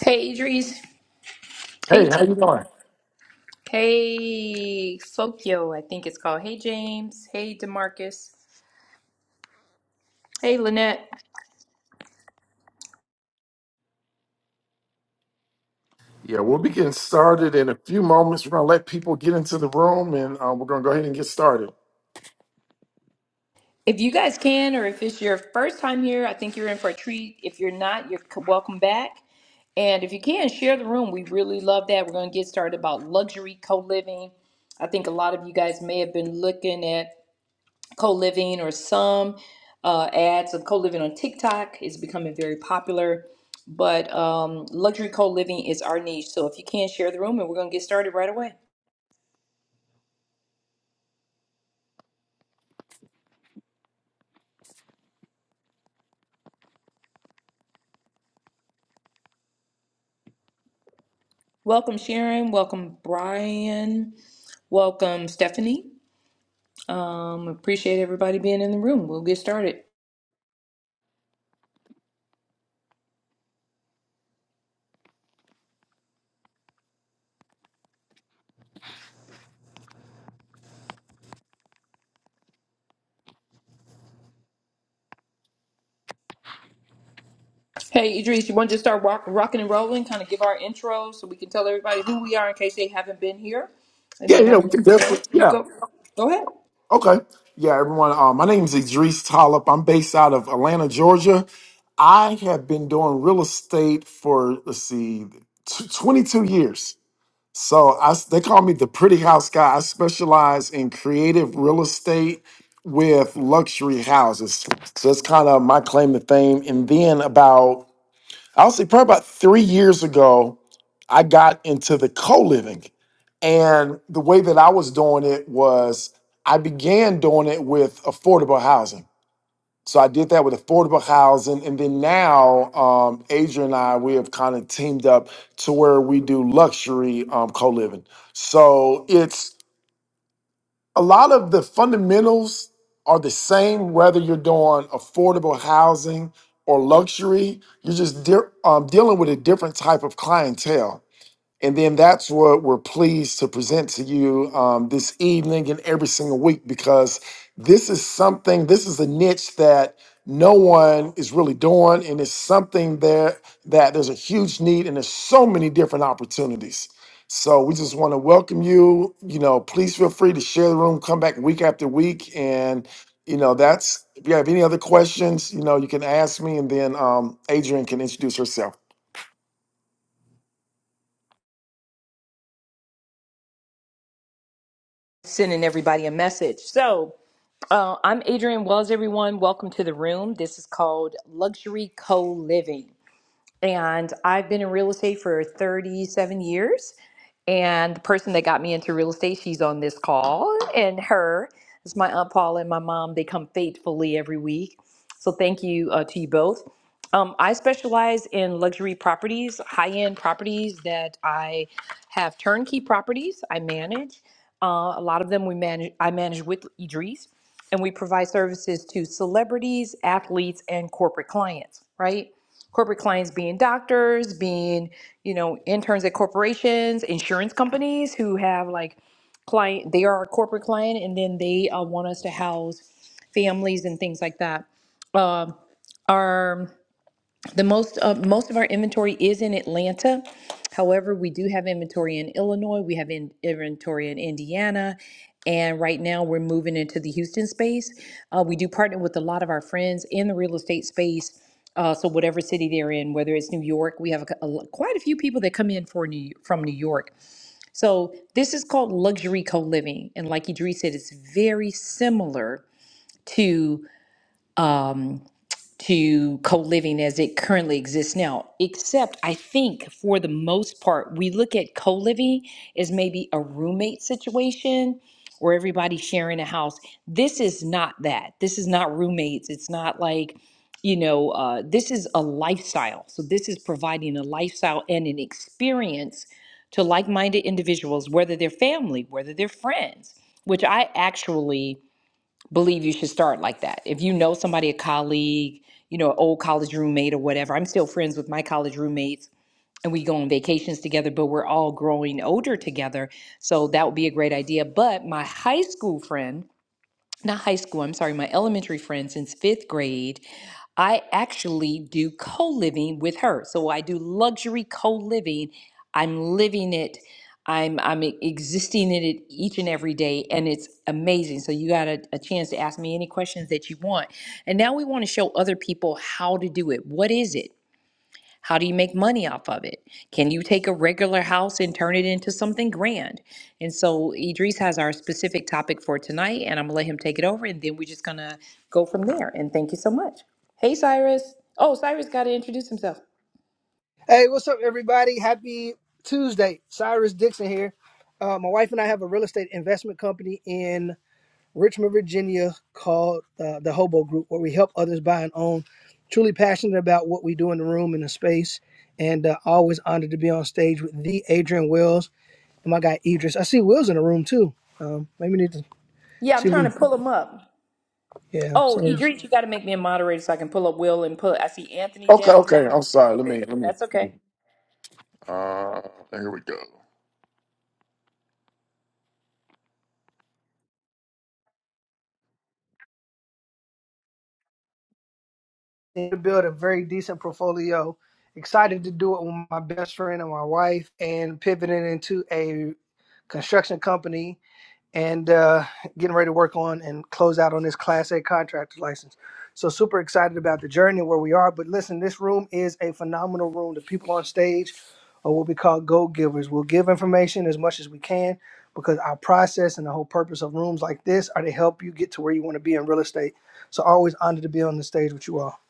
Hey, Idris. Hey, Hey, how T- you doing? hey, Fokyo, I think it's called. Hey, James. Hey, Demarcus. Hey, Lynette. Yeah, we'll be getting started in a few moments. We're gonna let people get into the room, and uh, we're gonna go ahead and get started. If you guys can, or if it's your first time here, I think you're in for a treat. If you're not, you're c- welcome back. And if you can, share the room. We really love that. We're going to get started about luxury co living. I think a lot of you guys may have been looking at co-living or some uh, ads of co-living on TikTok is becoming very popular. But um, luxury co-living is our niche. So if you can share the room, and we're gonna get started right away. Welcome Sharon. Welcome Brian. Welcome Stephanie. Um, appreciate everybody being in the room. We'll get started. Hey Idris, you want to just start rock, rocking and rolling? Kind of give our intro so we can tell everybody who we are in case they haven't been here and Yeah, they yeah, haven't we can been coming definitely. in. You Yeah, go. Go ahead okay. Yeah, everyone. Uh, my name is Idris Talib. I'm based out of Atlanta, Georgia. I have been doing real estate for let's see, t- 22 years. So I, s- they call me the pretty house guy. I specialize in creative real estate with luxury houses. So that's kind of my claim to fame. And then about I'll say probably about three years ago, I got into the co living. And the way that I was doing it was I began doing it with affordable housing. So I did that with affordable housing. And then now, um, Adrian and I, we have kind of teamed up to where we do luxury um, co living. So it's, a lot of the fundamentals are the same whether you're doing affordable housing or luxury. You're just de- um, dealing with a different type of clientele. And then that's what we're pleased to present to you um, this evening and every single week because this is something, this is a niche that no one is really doing. And it's something that, that there's a huge need and there's so many different opportunities. So we just want to welcome you. You know, please feel free to share the room, come back week after week. And, you know, that's, if you have any other questions, you know, you can ask me and then um, Adrian can introduce herself. sending everybody a message. So, Uh, I'm Adrienne Wells, everyone. Welcome to the room. This is called Luxury Co Living and I've been in real estate for 37 years. And the person that got me into real estate, she's on this call, and her is my aunt Paula and my mom. They come faithfully every week. So thank you uh, to you both. Um, I specialize in luxury properties, high end properties that I have turnkey properties I manage. Uh, a lot of them we manage. I manage with Idris, and we provide services to celebrities, athletes, and corporate clients. Right corporate clients being doctors, being, you know, interns at corporations, insurance companies who have like client, they are our corporate client and then they uh, want us to house families and things like that. Um, our the most, uh, most of our inventory is in Atlanta. However, we do have inventory in Illinois, we have in, inventory in Indiana, and right now we're moving into the Houston space. Uh, we do partner with a lot of our friends in the real estate space. Uh, so whatever city they're in, whether it's New York, we have a, a quite a few people that come in for New, from New York. So this is called luxury co-living, and like Idris said, it's very similar to. um, to co-living as it currently exists now except i think for the most part we look at co-living as maybe a roommate situation or everybody sharing a house this is not that this is not roommates it's not like you know uh, this is a lifestyle so this is providing a lifestyle and an experience to like-minded individuals whether they're family whether they're friends which i actually believe you should start like that. If you know somebody, a colleague, you know, an old college roommate or whatever, I'm still friends with my college roommates and we go on vacations together, but we're all growing older together. So that would be a great idea. But my high school friend, not high school, I'm sorry, my elementary friend since fifth grade. I actually do co living with her. So I do luxury co living. I'm living it. I'm I'm e-, existing in it each and every day, and it's amazing. So you got a, a chance to ask me any questions that you want. And now we want to show other people how to do it. What is it? How do you make money off of it? Can you take a regular house and turn it into something grand? And so Idris has our specific topic for tonight, and I'm gonna let him take it over, and then we're just gonna go from there. And thank you so much. Hey, Cyrus. Oh, Cyrus got to introduce himself. Hey, what's up, everybody? Happy Tuesday. Cyrus Dixon here. Uh, my wife and I have a real estate investment company in Richmond, Virginia called uh, the Hobo Group, where we help others buy and own. Truly passionate about what we do in the room in the space, and uh, always honored to be on stage with the Adrian Wills and my guy Idris. I see Wills in the room too. Um, maybe need to Yeah, I'm see. trying Him. to pull him up. Yeah, Oh, so Idris, you got to make me a moderator so I can pull up Will and pull. I see Anthony Okay, down okay. there. I'm sorry. Let me, Okay, let me. that's okay. Uh, here we go. to build a very decent portfolio excited to do it with my best friend and my wife and pivoting into a construction company and uh, getting ready to work on and close out on this class a contractor license so super excited about the journey where we are but listen this room is a phenomenal room the people on stage are what we call go givers we'll give information as much as we can because our process and the whole purpose of rooms like this are to help you get to where you want to be in real estate so always honored to be on the stage with you all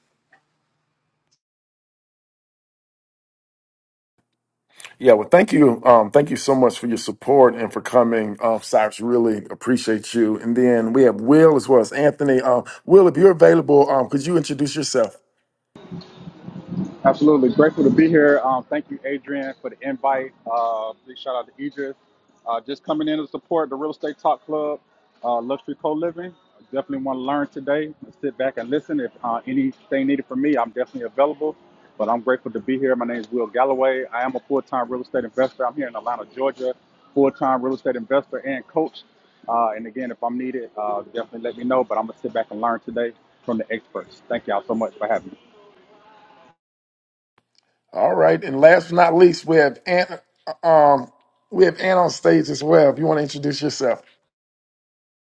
Yeah, well, thank you. Um, thank you so much for your support and for coming, uh, Cyrus. Really appreciate you. And then we have Will as well as Anthony. Um, Will, if you're available, um, could you introduce yourself? Absolutely. Grateful to be here. Um, thank you, Adrian, for the invite. Uh, big shout out to Idris. Uh, just coming in to support the Real Estate Talk Club, uh, Luxury Co Living. Definitely want to learn today. Sit back and listen. If uh, anything needed from me, I'm definitely available. But I'm grateful to be here. My name is Will Galloway. I am a full time real estate investor. I'm here in Atlanta, Georgia, full time real estate investor and coach. Uh, and again, if I'm needed, uh, definitely let me know. But I'm going to sit back and learn today from the experts. Thank y'all so much for having me. All right. And last but not least, we have Ant. Um, we have Ant on stage as well. If you want to introduce yourself.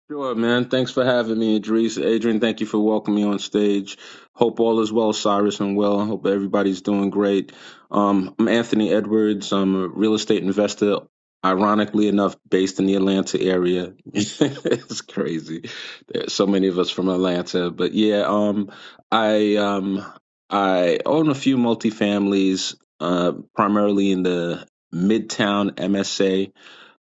Sure, man. Thanks for having me, Idris. Adrian, thank you for welcoming me on stage. Hope all is well, Cyrus, and well. I Hope everybody's doing great. Um, I'm Anthony Edwards. I'm a real estate investor, ironically enough, based in the Atlanta area. it's crazy. There's so many of us from Atlanta. But yeah, um, I um, I own a few multifamilies, uh, primarily in the Midtown MSA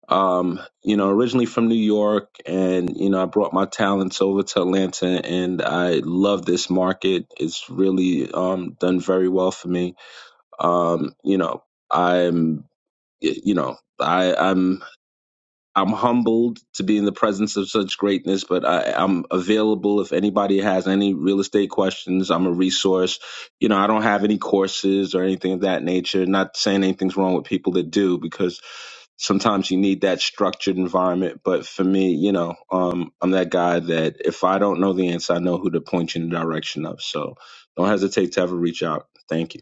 um, you know, originally from New York, and you know, I brought my talents over to Atlanta, and I love this market. It's really um, done very well for me. Um, you know, I'm, you know, I, I'm I'm humbled to be in the presence of such greatness, but I, I'm available if anybody has any real estate questions. I'm a resource. You know, I don't have any courses or anything of that nature. Not saying anything's wrong with people that do, because sometimes you need that structured environment. But for me, you know, um, I'm that guy that if I don't know the answer, I know who to point you in the direction of. So don't hesitate to ever reach out. Thank you.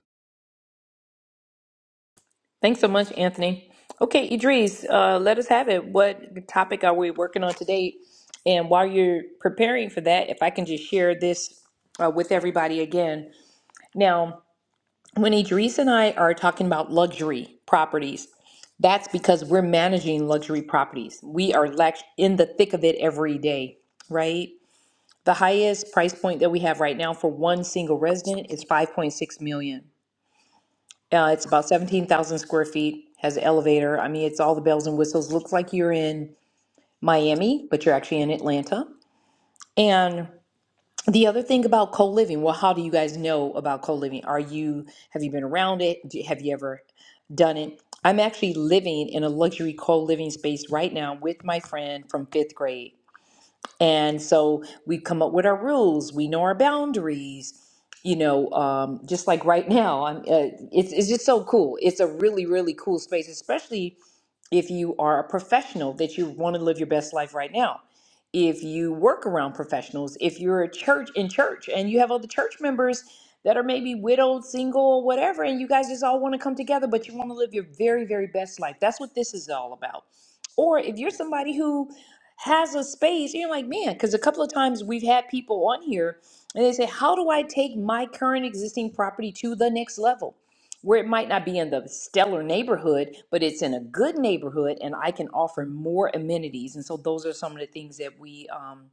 Thanks so much, Anthony. Okay, Idris, uh, let us have it. What topic are we working on today? And while you're preparing for that, if I can just share this uh, with everybody again. Now, when Idris and I are talking about luxury properties, that's because we're managing luxury properties. We are lex- in the thick of it every day, right? The highest price point that we have right now for one single resident is 5.6 million. Uh, it's about 17,000 square feet, has an elevator. I mean, it's all the bells and whistles. Looks like you're in Miami, but you're actually in Atlanta. And the other thing about co-living, well, how do you guys know about co-living? Are you, have you been around it? Do- Have you ever done it? I'm actually living in a luxury co-living space right now with my friend from fifth grade. And so we come up with our rules. We know our boundaries. You know, um, just like right now, I'm. Uh, it's it's just so cool. It's a really really cool space, especially if you are a professional that you want to live your best life right now. If you work around professionals, if you're a church in church and you have other church members that are maybe widowed, single, or whatever, and you guys just all want to come together, but you want to live your very, very best life. That's what this is all about. Or if you're somebody who has a space. You're like, man, because a couple of times we've had people on here and they say, how do I take my current existing property to the next level? Where it might not be in the stellar neighborhood, but it's in a good neighborhood and I can offer more amenities. And so those are some of the things that we, um,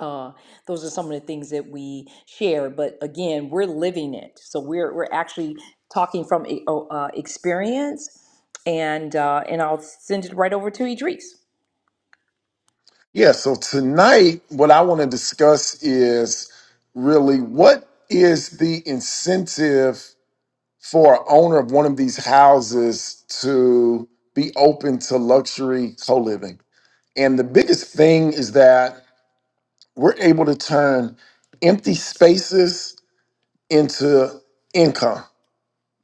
uh, those are some of the things that we share. But again, we're living it. So we're, we're actually talking from uh, uh, experience. And, uh, and I'll send it right over to Idris. Yeah, so tonight, what I want to discuss is really what is the incentive for an owner of one of these houses to be open to luxury co living. And the biggest thing is that we're able to turn empty spaces into income.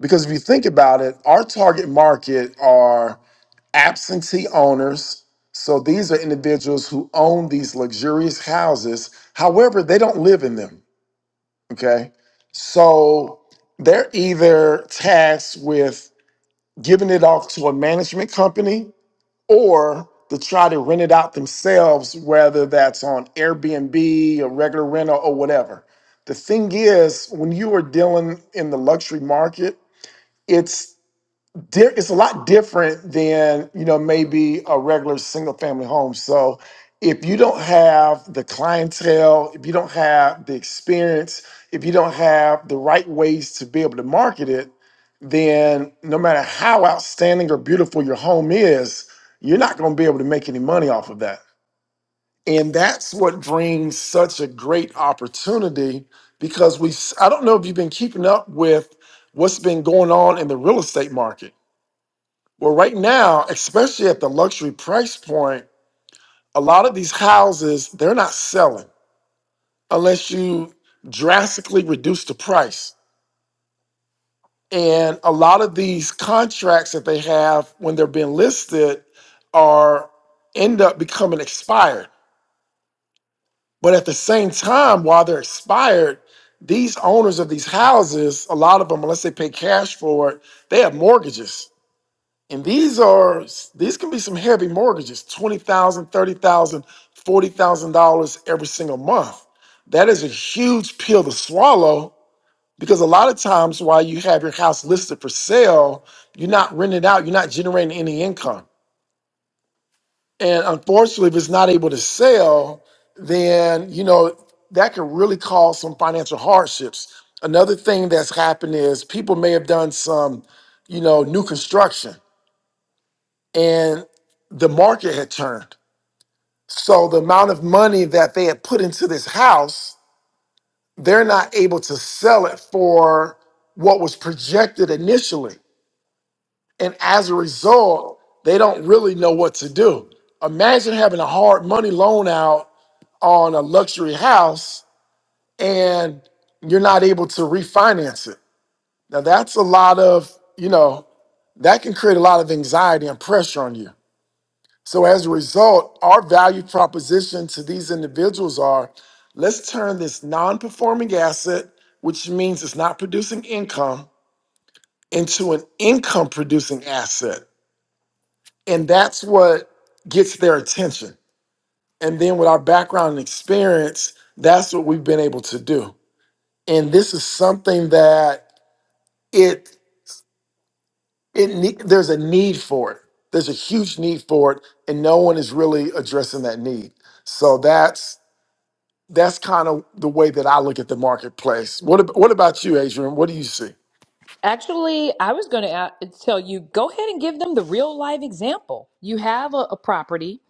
Because if you think about it, our target market are absentee owners. So these are individuals who own these luxurious houses. However, they don't live in them. Okay. So they're either tasked with giving it off to a management company or to try to rent it out themselves, whether that's on Airbnb or regular rental or whatever. The thing is, when you are dealing in the luxury market, it's di- it's a lot different than you know maybe a regular single family home so if you don't have the clientele if you don't have the experience if you don't have the right ways to be able to market it then no matter how outstanding or beautiful your home is you're not going to be able to make any money off of that and that's what brings such a great opportunity because we s- i don't know if you've been keeping up with what's been going on in the real estate market well, right now, especially at the luxury price point, a lot of these houses, they're not selling unless you drastically reduce the price. And a lot of these contracts that they have when they're being listed are end up becoming expired. But at the same time, while they're expired, these owners of these houses, a lot of them, unless they pay cash for it, they have mortgages. And these are these can be some heavy mortgages, twenty thousand, thirty thousand, forty thousand dollars every single month. That is a huge pill to swallow because a lot of times while you have your house listed for sale, you're not renting it out, you're not generating any income. And unfortunately, if it's not able to sell, then you know that could really cause some financial hardships. Another thing that's happened is people may have done some, you know, new construction and the market had turned. So the amount of money that they had put into this house, they're not able to sell it for what was projected initially. And as a result, they don't really know what to do. Imagine having a hard money loan out on a luxury house and you're not able to refinance it. Now that's a lot of, you know, that can create a lot of anxiety and pressure on you. So as a result, our value proposition to these individuals are let's turn this non-performing asset, which means it's not producing income, into an income producing asset. And that's what gets their attention. And then with our background and experience, that's what we've been able to do. And this is something that it it ne- there's a need for it. There's a huge need for it and no one is really addressing that need. So that's that's kind of the way that I look at the marketplace. What ab- what about you, Adrian? What do you see? Actually, I was going to tell you go ahead and give them the real life example. You have a, a property.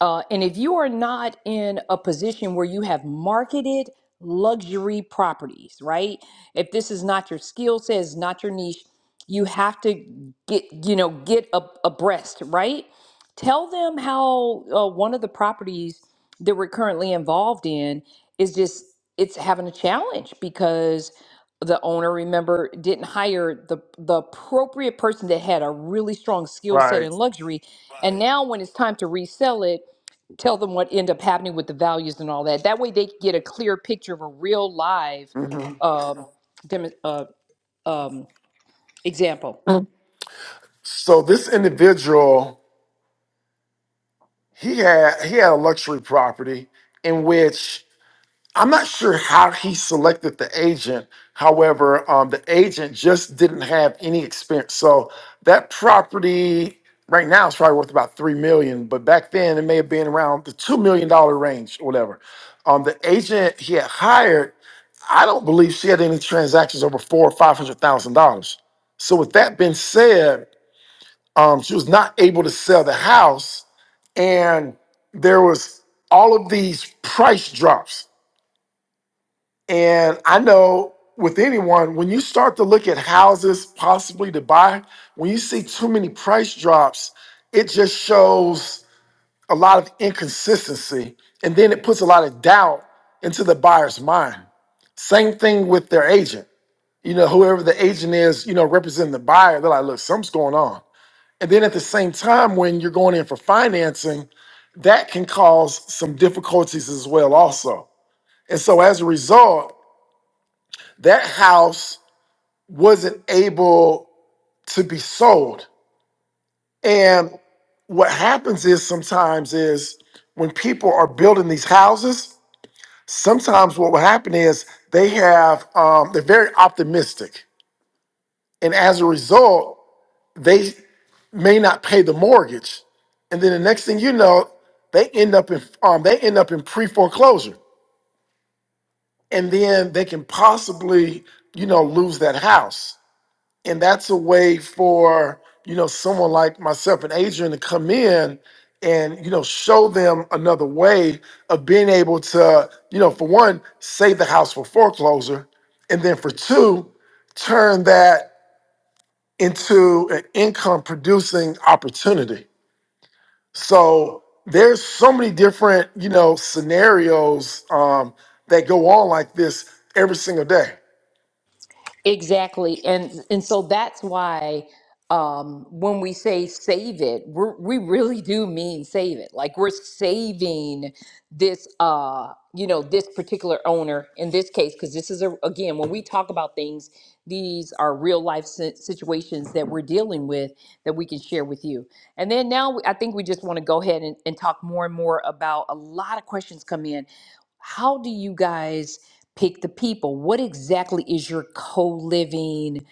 Uh, and if you are not in a position where you have marketed luxury properties, right? If this is not your skill set, is not your niche, you have to get, you know, get a, abreast, right? Tell them how uh, one of the properties that we're currently involved in is just it's having a challenge because the owner remember didn't hire the the appropriate person that had a really strong skill set in Right. luxury and now when it's time to resell it tell them what end up happening with the values and all that. That way they get a clear picture of a real live hmm um, dem- uh, um, example. So this individual, he had he had a luxury property in which I'm not sure how he selected the agent. However, um, the agent just didn't have any experience. So that property right now is probably worth about three million, but back then it may have been around the two million dollar range or whatever. Um, the agent he had hired I don't believe she had any transactions over four or five hundred thousand dollars. So with that being said, um, she was not able to sell the house, and there was all of these price drops. And I know with anyone, when you start to look at houses possibly to buy, when you see too many price drops, it just shows a lot of inconsistency, and then it puts a lot of doubt into the buyer's mind. Same thing with their agent you know, whoever the agent is, you know, representing the buyer, they're like, look, something's going on. And then at the same time, when you're going in for financing, that can cause some difficulties as well, also. And so as a result, that house wasn't able to be sold. And what happens is sometimes is when people are building these houses, sometimes what will happen is they have um, they're very optimistic, and as a result, they may not pay the mortgage, and then the next thing you know, they end up in um, they end up in pre foreclosure, and then they can possibly you know lose that house, and that's a way for you know someone like myself and Adrian to come in and you know show them another way of being able to you know for one save the house for foreclosure, and then for two turn that into an income producing opportunity So there's so many different, you know, scenarios um, that go on like this every single day. Exactly. And and so that's why um when we say save it, we're, we really do mean save it. Like we're saving this uh you know this particular owner in this case because this is a again when we talk about things these are real life si- situations that we're dealing with that we can share with you and then now we- i think we just want to go ahead and, and talk more and more about a lot of questions come in how do you guys pick the people. What exactly is your co living?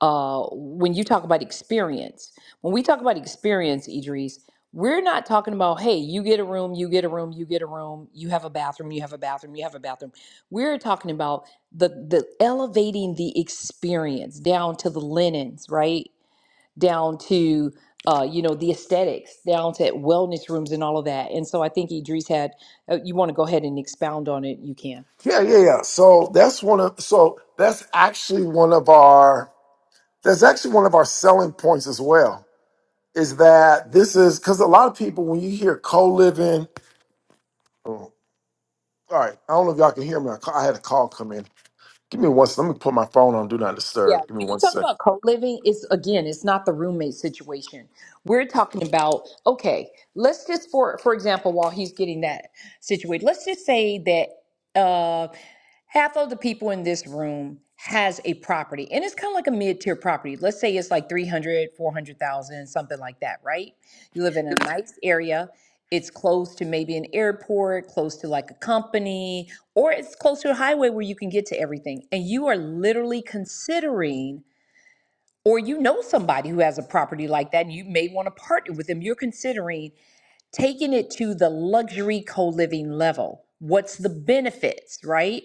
Uh, when you talk about experience, when we talk about experience, Idris, we're not talking about, hey, you get a room, you get a room, you get a room, you have a bathroom, you have a bathroom, you have a bathroom. We're talking about the, the elevating the experience down to the linens, right? Down to, uh, you know, the aesthetics, down to wellness rooms and all of that. And so I think Idris had, uh, you want to go ahead and expound on it, you can. Yeah, yeah, yeah. So that's one of so that's actually one of our that's actually one of our selling points as well. Is that this is because a lot of people when you hear co-living, oh, all right, I don't know if y'all can hear me. I ca- I had a call come in. Give me one. sec. Let me put my phone on do not Yeah, disturb. Give me when you one talk about second. co-living, it's again, it's not the roommate situation. We're talking about, okay, let's just for for example, while he's getting that situated, let's just say that uh half of the people in this room has a property and it's kind of like a mid-tier property. Let's say it's like 300, 400,000, something like that, right? You live in a nice area it's close to maybe an airport, close to like a company, or it's close to a highway where you can get to everything. And you are literally considering, or you know somebody who has a property like that and you may want to partner with them. You're considering taking it to the luxury co living level. What's the benefits, right?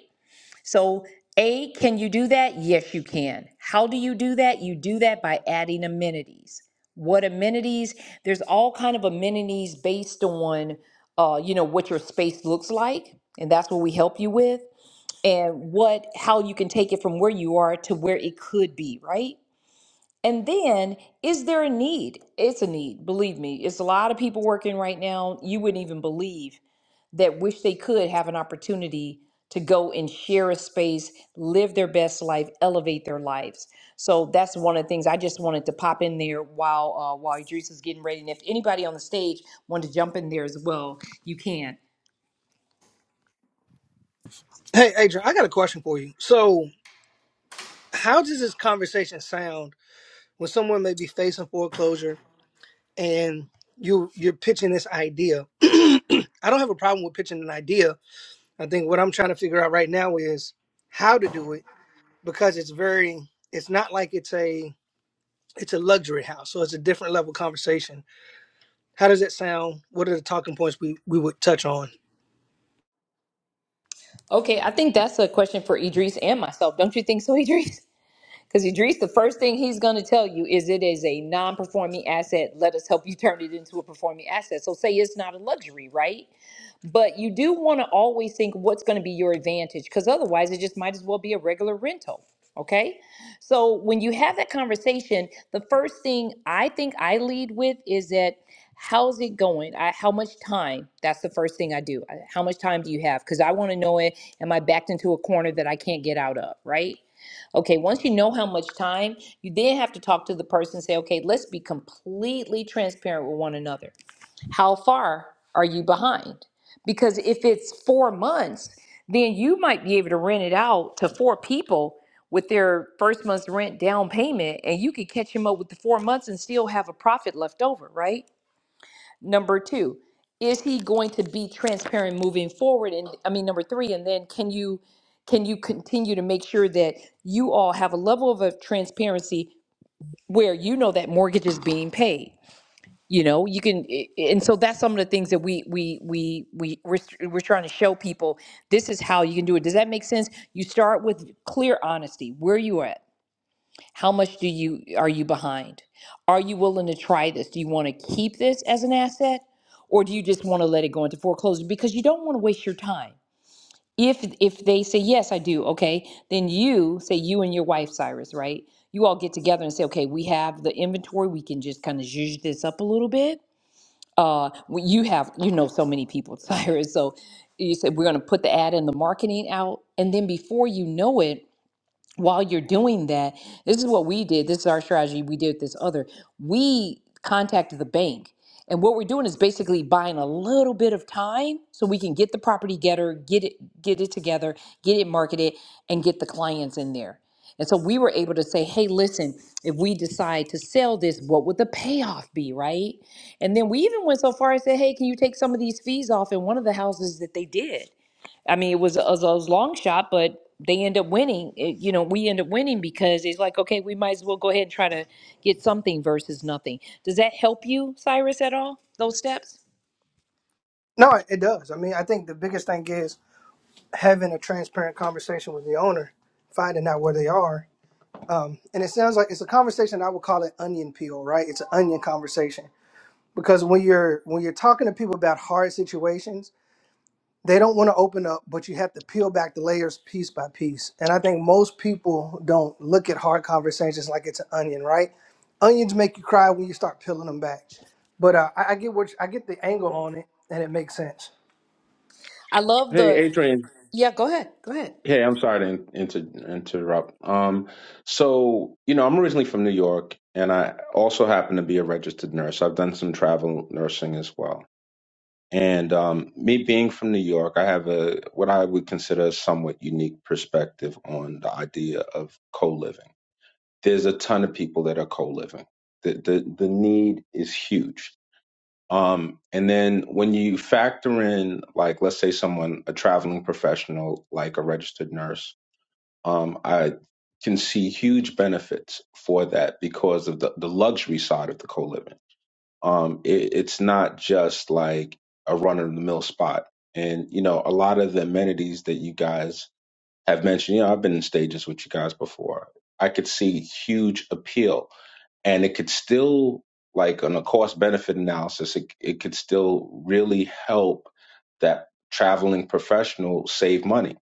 So, A, can you do that? Yes, you can. How do you do that? You do that by adding amenities. What amenities? There's all kind of amenities based on, uh, you know, what your space looks like, and that's what we help you with, and what, how you can take it from where you are to where it could be, right? And then, is there a need? It's a need, believe me. It's a lot of people working right now, you wouldn't even believe, that wish they could have an opportunity to go and share a space, live their best life, elevate their lives. So that's one of the things I just wanted to pop in there while uh, while Idris is getting ready. And if anybody on the stage wanted to jump in there as well, you can. hey adrian i got a question for you so how does this conversation sound when someone may be facing foreclosure and you you're pitching this idea. I don't have a problem with pitching an idea. I think what I'm trying to figure out right now is how to do it because it's very it's not like it's a it's a luxury house, so it's a different level conversation. How does it sound? What are the talking points we we would touch on? Okay, I think that's a question for Idris and myself. Don't you think so, Idris? Because Idris, the first thing he's going to tell you is it is a non performing asset. Let us help you turn it into a performing asset. So say it's not a luxury, right? But you do want to always think what's going to be your advantage because otherwise it just might as well be a regular rental. Okay. So when you have that conversation, the first thing I think I lead with is that how's it going? I, how much time? That's the first thing I do. I- How much time do you have? Because I want to know it. Am I backed into a corner that I can't get out of? Right. Okay, once you know how much time, you then have to talk to the person and say, okay, let's be completely transparent with one another. How far are you behind? Because if it's four months, then you might be able to rent it out to four people with their first month's rent down payment, and you could catch them up with the four months and still have a profit left over, right? Number two, is he going to be transparent moving forward? And I mean, number three, and then can you can you continue to make sure that you all have a level of a transparency where you know that mortgage is being paid? You know, you can, i- i- and so that's some of the things that we we we we we're, s- we're trying to show people. This is how you can do it. Does that make sense? You start with clear honesty. Where you at? How much do you are you behind? Are you willing to try this? Do you want to keep this as an asset or do you just want to let it go into foreclosure because you don't want to waste your time? If if they say yes, I do, okay, then you say you and your wife Cyrus, right? You all get together and say, okay, we have the inventory. We can just kind of zhuzh this up a little bit. Uh, we- you have, you know, so many people, Cyrus. So you said we're going to put the ad and the marketing out, and then before you know it, while you're doing that, this is what we did. This is our strategy. We did this other. We contacted the bank. And what we're doing is basically buying a little bit of time so we can get the property getter, get it, get it together, get it marketed, and get the clients in there. And so we were able to say, hey, listen, if we decide to sell this, what would the payoff be, right? And then we even went so far as said, hey, can you take some of these fees off in one of the houses that they did? I mean, it was a, it was a long shot, but they end up winning. It- you know, we end up winning because it's like, okay, we might as well go ahead and try to get something versus nothing. Does that help you, Cyrus, at all? Those steps? No, it it does. I mean, I think the biggest thing is having a transparent conversation with the owner, finding out where they are. Um, and it sounds like it's a conversation I would call it onion peel, right? It's an onion conversation because when you're when you're talking to people about hard situations they don't want to open up but you have to peel back the layers piece by piece and i think most people don't look at hard conversations like it's an onion right onions make you cry when you start peeling them back but uh, I, I get what you- i get the angle on it and it makes sense I love the. Hey, Adrian. Yeah, go ahead. Go ahead. Hey, I'm sorry to in, inter, interrupt. Um, so you know, I'm originally from New York, and I also happen to be a registered nurse. I've done some travel nursing as well. And um, me being from New York, I have a what I would consider a somewhat unique perspective on the idea of co-living there's a ton of people that are co-living. The the the need is huge. Um, and then when you factor in, like, let's say someone, a traveling professional, like a registered nurse, um, I can see huge benefits for that because of the, the luxury side of the co-living. Um, it, it's not just like a run-of-the-mill spot. And, you know, a lot of the amenities that you guys have mentioned, you know, I've been in stages with you guys before. I could see huge appeal and it could still like on a cost benefit analysis it, it could still really help that traveling professional save money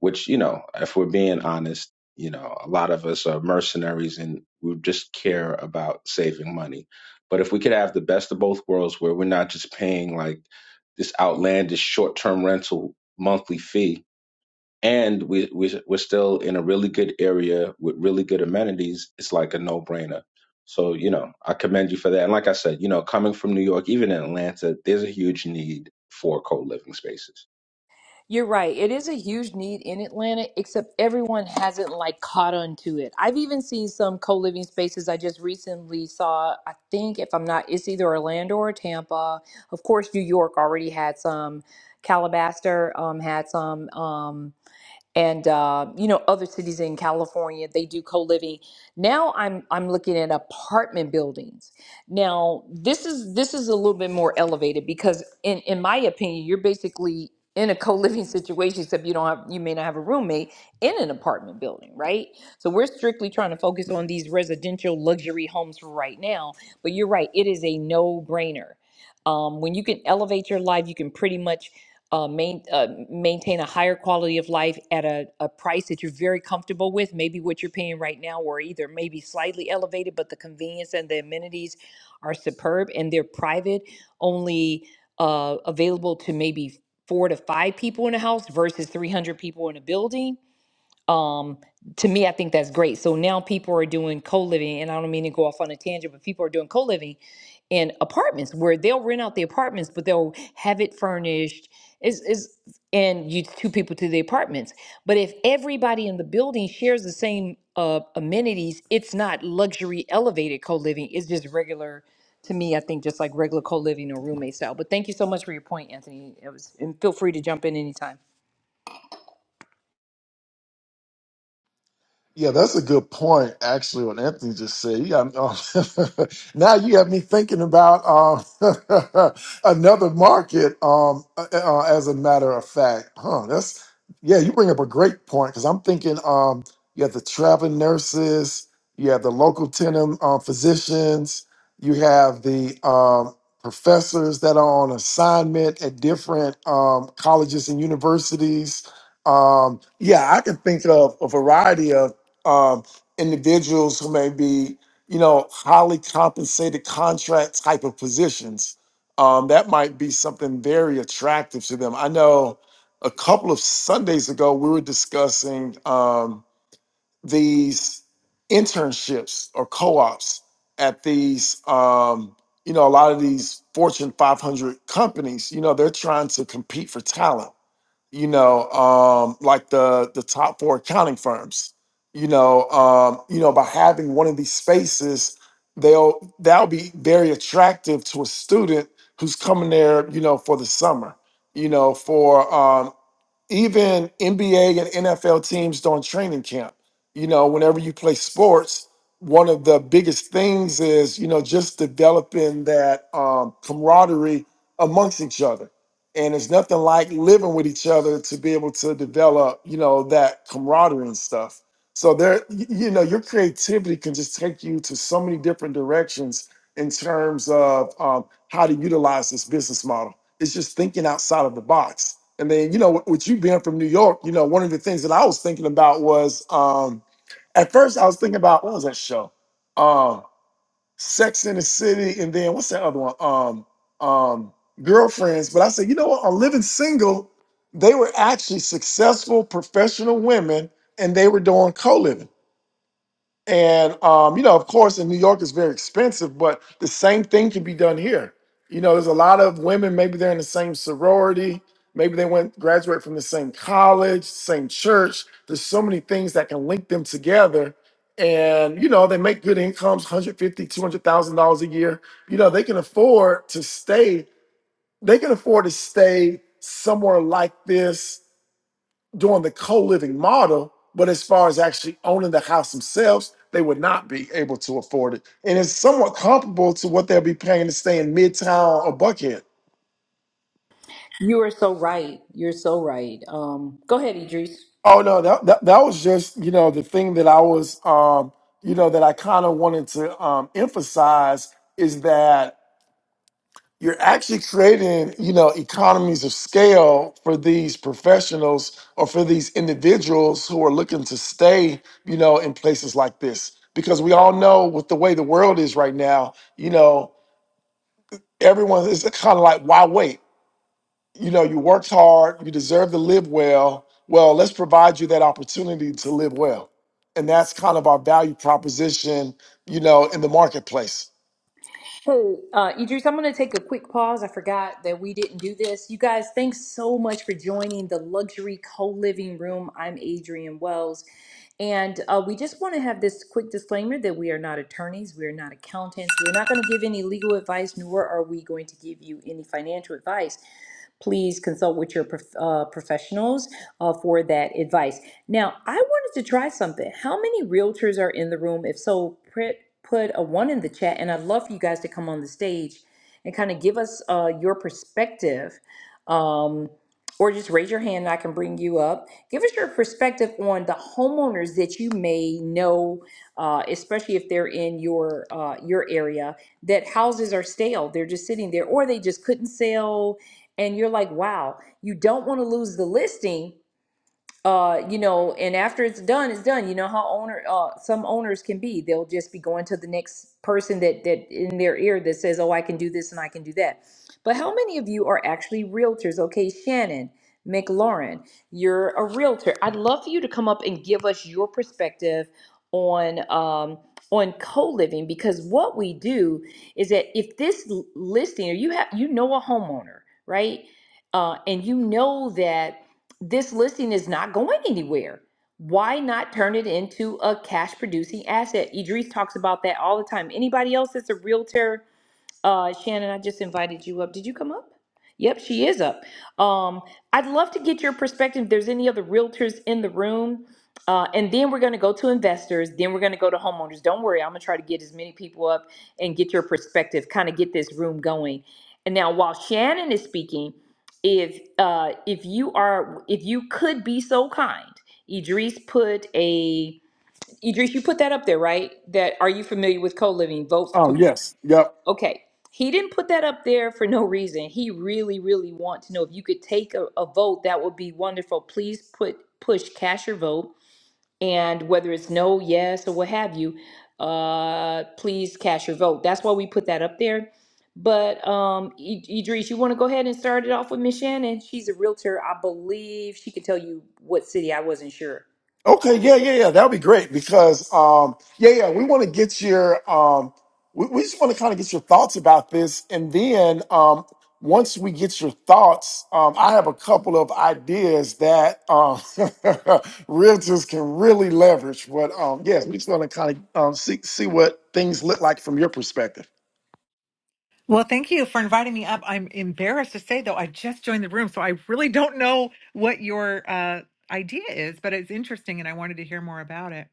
which you know if we're being honest you know a lot of us are mercenaries and we just care about saving money but if we could have the best of both worlds where we're not just paying like this outlandish short-term rental monthly fee and we, we we're still in a really good area with really good amenities. It's like a no brainer. So you know, I commend you for that. And like I said, you know, coming from New York, even in Atlanta, there's a huge need for co living spaces. You're right. It is a huge need in Atlanta, except everyone hasn't like caught on to it. I've even seen some co-living spaces I just recently saw, I think if I'm not, it's either Orlando or Tampa. Of course, New York already had some. Calabaster um, had some. Um, and uh, you know other cities in California they do co-living. Now I'm I'm looking at apartment buildings. Now this is this is a little bit more elevated because in in my opinion you're basically in a co-living situation except you don't have you may not have a roommate in an apartment building, right? So we're strictly trying to focus on these residential luxury homes for right now, but you're right, it is a no-brainer. Um, when you can elevate your life, you can pretty much uh, main, uh, maintain a higher quality of life at a, a price that you're very comfortable with. Maybe what you're paying right now, or either maybe slightly elevated, but the convenience and the amenities are superb, and they're private, only uh, available to maybe four to five people in a house versus 300 people in a building um to me i think that's great so now people are doing co-living and i don't mean to go off on a tangent but people are doing co-living in apartments where they'll rent out the apartments but they'll have it furnished is is and you two people to the apartments but if everybody in the building shares the same uh, amenities it's not luxury elevated co-living it's just regular to me i think just like regular co-living or roommate style but thank you so much for your point anthony it was and feel free to jump in anytime Yeah, that's a good point. Actually, what Anthony just said. You got, um, now you have me thinking about um, another market. Um, uh, uh, as a matter of fact, huh? That's yeah. You bring up a great point because I'm thinking. Um, you have the traveling nurses. You have the local tenant uh, physicians. You have the um, professors that are on assignment at different um, colleges and universities. Um, yeah, I can think of a variety of um, individuals who may be, you know, highly compensated contract type of positions. Um, that might be something very attractive to them. I know a couple of Sundays ago we were discussing um, these internships or co-ops at these, um, you know, a lot of these Fortune 500 companies. You know, they're trying to compete for talent you know, um, like the the top four accounting firms. You know, um, you know, by having one of these spaces, they'll that'll be very attractive to a student who's coming there, you know, for the summer, you know, for um, even NBA and NFL teams don't training camp. You know, whenever you play sports, one of the biggest things is you know just developing that um, camaraderie amongst each other, and it's nothing like living with each other to be able to develop you know that camaraderie and stuff. So there, y- you know, your creativity can just take you to so many different directions in terms of um, how to utilize this business model. It's just thinking outside of the box and then, you know, with with you being from New York, you know, one of the things that I was thinking about was um at first I was thinking about what was that show? Um Sex in the City and then what's that other one? Um um Girlfriends. But I said, you know what, on Living Single, they were actually successful professional women and they were doing co-living. And um, you know, of course, in New York it's very expensive, but the same thing can be done here. You know, there's a lot of women. Maybe they're in the same sorority. Maybe they went graduate from the same college, same church. There's so many things that can link them together. And you know, they make good incomes, one hundred fifty, two hundred thousand dollars a year. You know, they can afford to stay. They can afford to stay somewhere like this doing the co-living model but as far as actually owning the house themselves they would not be able to afford it and it's somewhat comparable to what they'll be paying to stay in midtown or buckhead You are so right. You're so right. Um, go ahead, Idris. oh no that, that, that was just you know the thing that i was um you know that i kind of wanted to um emphasize is that you're actually creating, you know, economies of scale for these professionals or for these individuals who are looking to stay, you know, in places like this. Because we all know with the way the world is right now, you know, everyone is kind of like, why wait? You know, you worked hard, you deserve to live well. Well, let's provide you that opportunity to live well. And that's kind of our value proposition, you know, in the marketplace. Hey, uh, Idris, I'm going to take a quick pause. I forgot that we didn't do this. You guys, thanks so much for joining the Luxury Co Living Room. I'm Adrienne Wells. And uh, we just want to have this quick disclaimer that we are not attorneys, we are not accountants, we're not going to give any legal advice, nor are we going to give you any financial advice. please consult with your prof- uh, professionals uh, for that advice. Now, I wanted to try something. How many realtors are in the room? If so, put a one in the chat, and I'd love for you guys to come on the stage and kind of give us uh, your perspective. Um, or just raise your hand and I can bring you up. Give us your perspective on the homeowners that you may know, uh, especially if they're in your uh, your area, that houses are stale. They're just sitting there, or they just couldn't sell and you're like, wow, you don't want to lose the listing, uh you know and after it's done it's done you know how owner uh some owners can be they'll just be going to the next person that that in their ear that says oh i can do this and i can do that but how many of you are actually realtors okay shannon mclaurin you're a realtor i'd love for you to come up and give us your perspective on um on co-living because what we do is that if this l- listing or you have you know a homeowner right uh, and you know that this listing is not going anywhere. Why not turn it into a cash producing asset? Idris talks about that all the time. Anybody else that's a realtor uh, Shannon, I just invited you up. Did you come up? Yep, she is up. Um, I'd love to get your perspective. If there's any other realtors in the room, uh, and then we're going to go to investors. Then we're going to go to homeowners. Don't worry, I'm going to try to get as many people up and get your perspective. Kind of get this room going. And now, while Shannon is speaking, if uh, if you are if you could be so kind, Idris put a Idris, you put that up there, right? That are you familiar with co living? Vote to Um, win yes. Yep. Okay. He didn't put that up there for no reason. He really, really wants to know if you could take a, a vote, that would be wonderful. Please put push cast your vote. And whether it's no, yes, or what have you, uh, please cast your vote. That's why we put that up there. But um, I- Idris, you want to go ahead and start it off with Miss Shannon? She's a realtor. I believe she can tell you what city. I wasn't sure. Okay, yeah, yeah, yeah. That will be great because um yeah, yeah, we want to get your um we, we just want to kind of get your thoughts about this and then um once we get your thoughts, um I have a couple of ideas that um realtors can really leverage. But um yes, we just want to kind of um see see what things look like from your perspective. Well, thank you for inviting me up. I'm embarrassed to say, though, I just joined the room, so I really don't know what your uh, idea is, but it's interesting, and I wanted to hear more about it.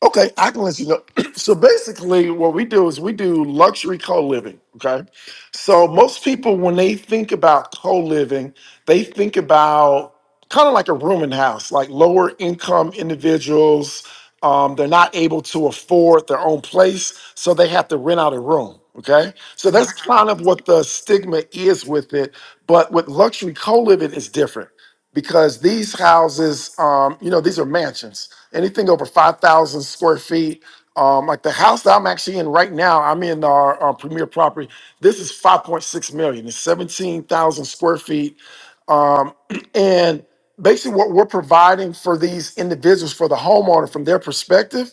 Okay, I can let you know. so basically, what we do is we do luxury co-living. Okay, so most people when they think about co-living, they think about kind of like a room and house, like lower income individuals. Um, they're not able to afford their own place, so they have to rent out a room. Okay, so Uh huh. that's kind of what the stigma is with it. But with luxury co-living, it's different because these houses, um, you know, these are mansions. Anything over five thousand square feet, um, like the house that I'm actually in right now, I'm in our, our premier property. This is five point six million. It's seventeen thousand square feet, um, and basically what we're providing for these individuals, for the homeowner, from their perspective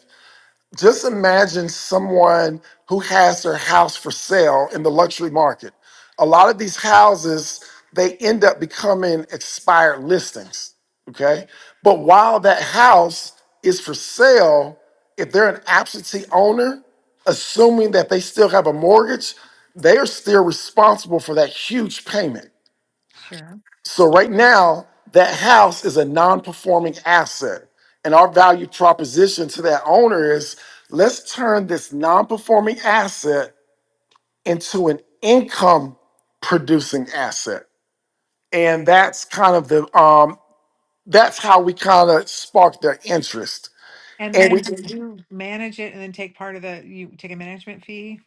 just imagine someone who has their house for sale in the luxury market. A lot of these houses, they end up becoming expired listings. Okay. But while that house is for sale, if they're an absentee owner, assuming that they still have a mortgage, they are still responsible for that huge payment. Sure. So right now, that house is a non-performing asset. And our value proposition to that owner is let's turn this non-performing asset into an income producing asset. And that's kind of the um that's how we kind of spark their interest. And And we then, do you manage it, and then take part of the you take a management fee?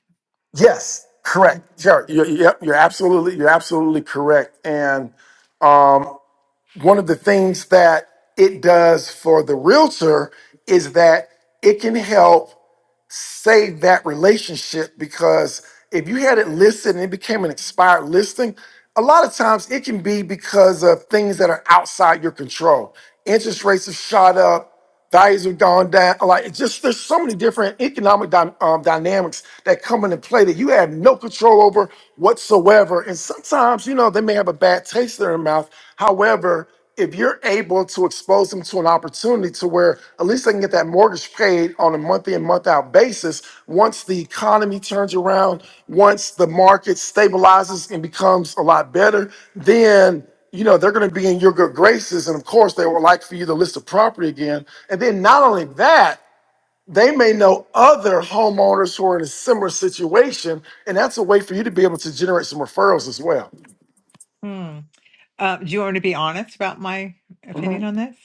yes, correct. Sure. You're, yep, you're absolutely you're absolutely correct. And um, one of the things that it does for the realtor is that it can help save that relationship because if you had it listed and it became an expired listing, a lot of times it can be because of things that are outside your control. Interest rates have shot up, values have gone down. Like it's just there's so many different economic dy- um, dynamics that come into play that you have no control over whatsoever. And sometimes, you know, they may have a bad taste in their mouth. However, if you're able to expose them to an opportunity to where at least they can get that mortgage paid on a month in month out basis once the economy turns around once the market stabilizes and becomes a lot better then you know they're going to be in your good graces and of course they would like for you to list a property again and then not only that they may know other homeowners who are in a similar situation and that's a way for you to be able to generate some referrals as well Hmm. Uh, do you want me to be honest about my opinion Mhm. on this?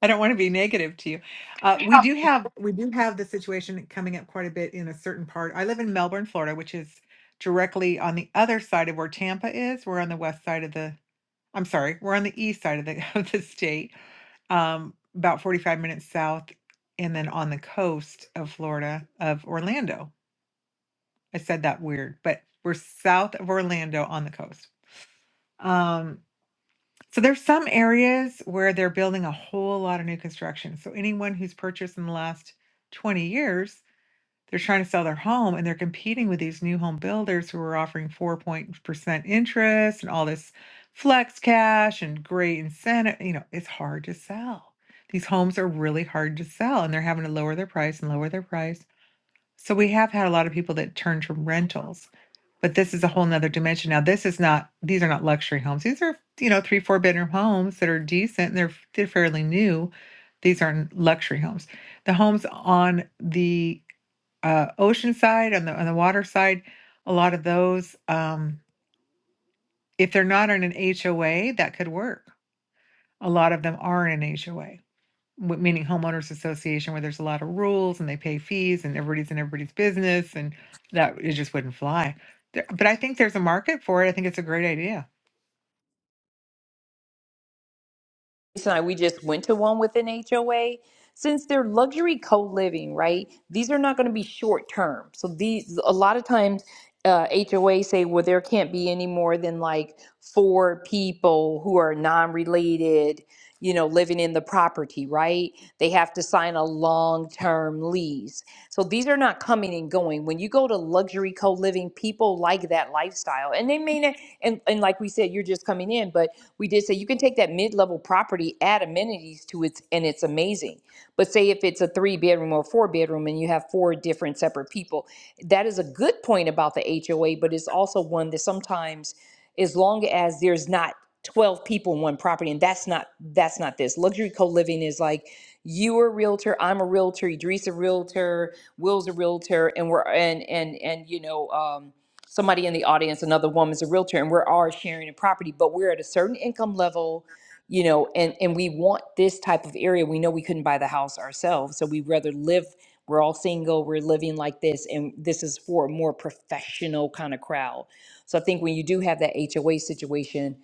I don't want to be negative to you. Uh, we do have we do have the situation coming up quite a bit in a certain part. I live in Melbourne, Florida, which is directly on the other side of where Tampa is. We're on the west side of the. I'm sorry, we're on the east side of the of the state, um, about 45 minutes south, and then on the coast of Florida of Orlando. I said that weird, but we're south of Orlando on the coast. Um, so there's some areas where they're building a whole lot of new construction. So anyone who's purchased in the last 20 years, they're trying to sell their home and they're competing with these new home builders who are offering 4% interest and all this flex cash and great incentive. You know, it's hard to sell. These homes are really hard to sell and they're having to lower their price and lower their price. So we have had a lot of people that turn to rentals. But this is a whole nother dimension. Now, this is not, these are not luxury homes. These are, you know, three, four bedroom homes that are decent and they're, they're fairly new. These aren't luxury homes. The homes on the uh, ocean side, on the, on the water side, a lot of those, um, if they're not in an HOA, that could work. A lot of them are in an HOA w- meaning homeowners association where there's a lot of rules and they pay fees and everybody's in everybody's business and that it just wouldn't fly. There, but I think there's a market for it. I think it's a great idea. Jason and I, we just went to one with an HOA. Since they're luxury co-living, right? These are not going to be short term. So these, a lot of times, uh, HOA say, well, there can't be any more than like four people who are non-related, you know, living in the property, right? They have to sign a long-term lease. So these are not coming and going. When you go to luxury co-living, people like that lifestyle. And they may not. and, and like we said, you're just coming in, but we did say you can take that mid-level property, add amenities to it, and it's amazing. But say if it's a three bedroom or four bedroom and you have four different separate people, that is a good point about the HOA, but it's also one that sometimes as long as there's not 12 people in one property and that's not that's not this luxury co-living is like you are a realtor, I'm a realtor, Idris a realtor, Will's a realtor, and we're and and and you know, um, somebody in the audience, another woman's a realtor, and we're all sharing a property, but we're at a certain income level, you know, and and we want this type of area. We know we couldn't buy the house ourselves, so we'd rather live. We're all single, we're living like this, and this is for a more professional kind of crowd. So I think when you do have that HOA situation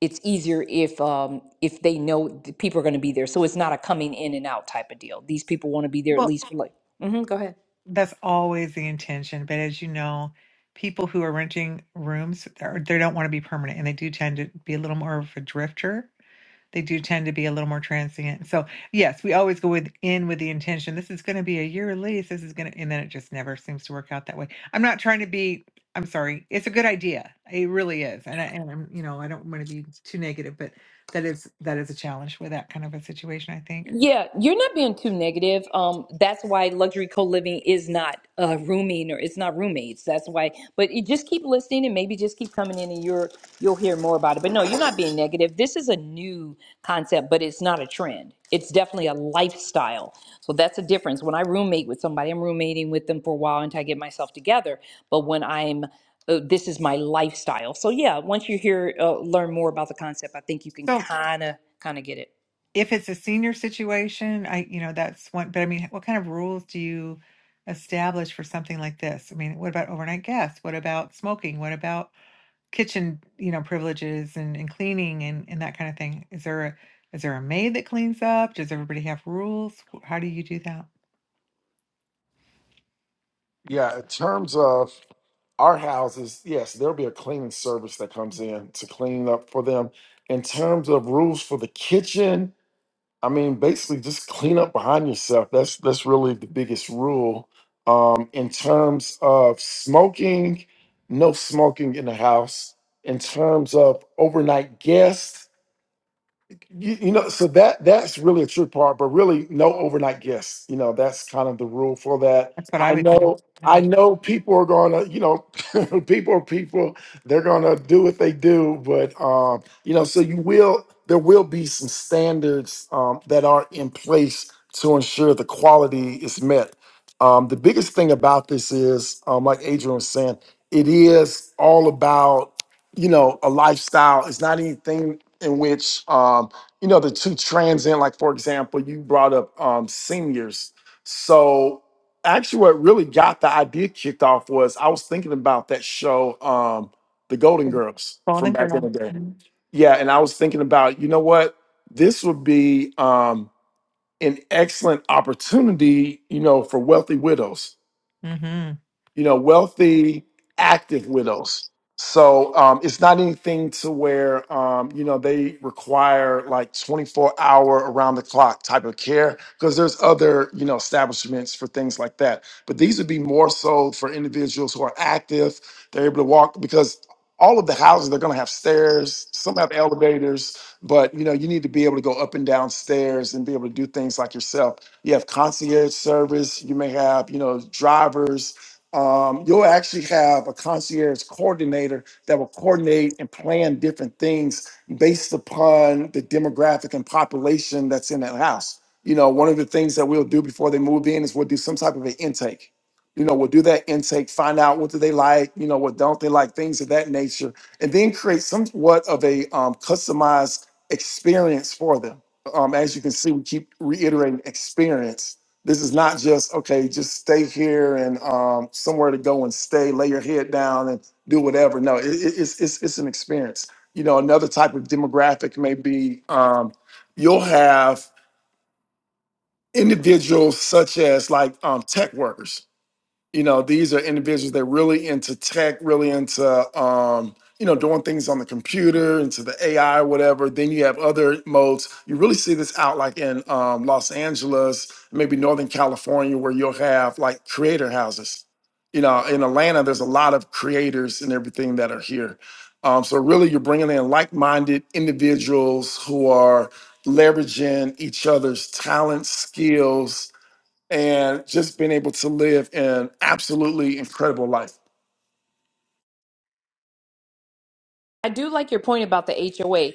it's easier if um if they know the people are going to be there so it's not a coming in and out type of deal these people want to be there at Well, least for like hmm go ahead That's always the intention. But as you know, people who are renting rooms, they're- they don't want to be permanent and they do tend to be a little more of a drifter. they do tend to be a little more transient. So yes, we always go with in with the intention. This is going to be a year lease. This is going to, and then it just never seems to work out that way. I'm not trying to be. I'm sorry. It's a good idea. It really is. And I, and I'm, you know, I don't want to be too negative, but that is that is a challenge with that kind of a situation. I think. Yeah, you're not being too negative. Um, that's why luxury co-living is not uh, rooming or it's not roommates. That's why. But you just keep listening and maybe just keep coming in and you're you'll hear more about it. But no, you're not being negative. This is a new concept, but it's not a trend. It's definitely a lifestyle. So that's a difference. When I roommate with somebody, I'm roommating with them for a while until I get myself together. But when I'm uh, this is my lifestyle. So yeah, once you hear uh, learn more about the concept, I think you can So kind of kind of get it. if it's a senior situation, I, you know, that's one. But I mean, what kind of rules do you establish for something like this? I mean, what about overnight guests? What about smoking? What about kitchen, you know, privileges and, and cleaning and, and that kind of thing? Is there a is there a maid that cleans up? Does everybody have rules? How do you do that? yeah in terms of our houses, yes, there'll be a cleaning service that comes in to clean up for them. In terms of rules for the kitchen, I mean, basically just clean up behind yourself. That's that's really the biggest rule. Um, in terms of smoking, no smoking in the house. In terms of overnight guests, you, you know so that that's really a true part but really no overnight guests you know that's kind of the rule for that That's what I i would think. know Yeah. i know people are gonna you know people are people they're gonna do what they do but um you know so you will there will be some standards um, that are in place to ensure the quality is met um, the biggest thing about this is um, like adrian was saying it is all about you know a lifestyle it's not anything in which um, you know the two transient like for example you brought up um seniors so actually what really got the idea kicked off was i was thinking about that show um the golden girls from Golden back in girl. the day yeah and i was thinking about you know what this would be um an excellent opportunity you know for wealthy widows Mm-hmm. you know, wealthy, active widows. So um, it's not anything to where, um, you know, they require like 24 hour around the clock type of care because there's other, you know, establishments for things like that. But these would be more so for individuals who are active. They're able to walk because all of the houses, they're going to have stairs. Some have elevators, but, you know, you need to be able to go up and down stairs and be able to do things like yourself. You have concierge service. You may have, you know, drivers um, you'll actually have a concierge coordinator that will coordinate and plan different things based upon the demographic and population that's in that house. You know, one of the things that we'll do before they move in is we'll do some type of an intake. You know, we'll do that intake, find out what do they like, you know, what don't they like, things of that nature, and then create somewhat of a um, customized experience for them. Um, as you can see, we keep reiterating experience this is not just okay, just stay here and um, somewhere to go and stay, lay your head down and do whatever. No, it, it- it's it's it's an experience. You know, another type of demographic may be um, you'll have individuals such as like um, tech workers you know these are individuals that really into tech really into um you know doing things on the computer into the ai or whatever then you have other modes you really see this out like in um, los angeles maybe northern california where you'll have like creator houses you know in atlanta there's a lot of creators and everything that are here um, so really you're bringing in like-minded individuals who are leveraging each other's talents skills and just been able to live an absolutely incredible life. I do like your point about the HOA.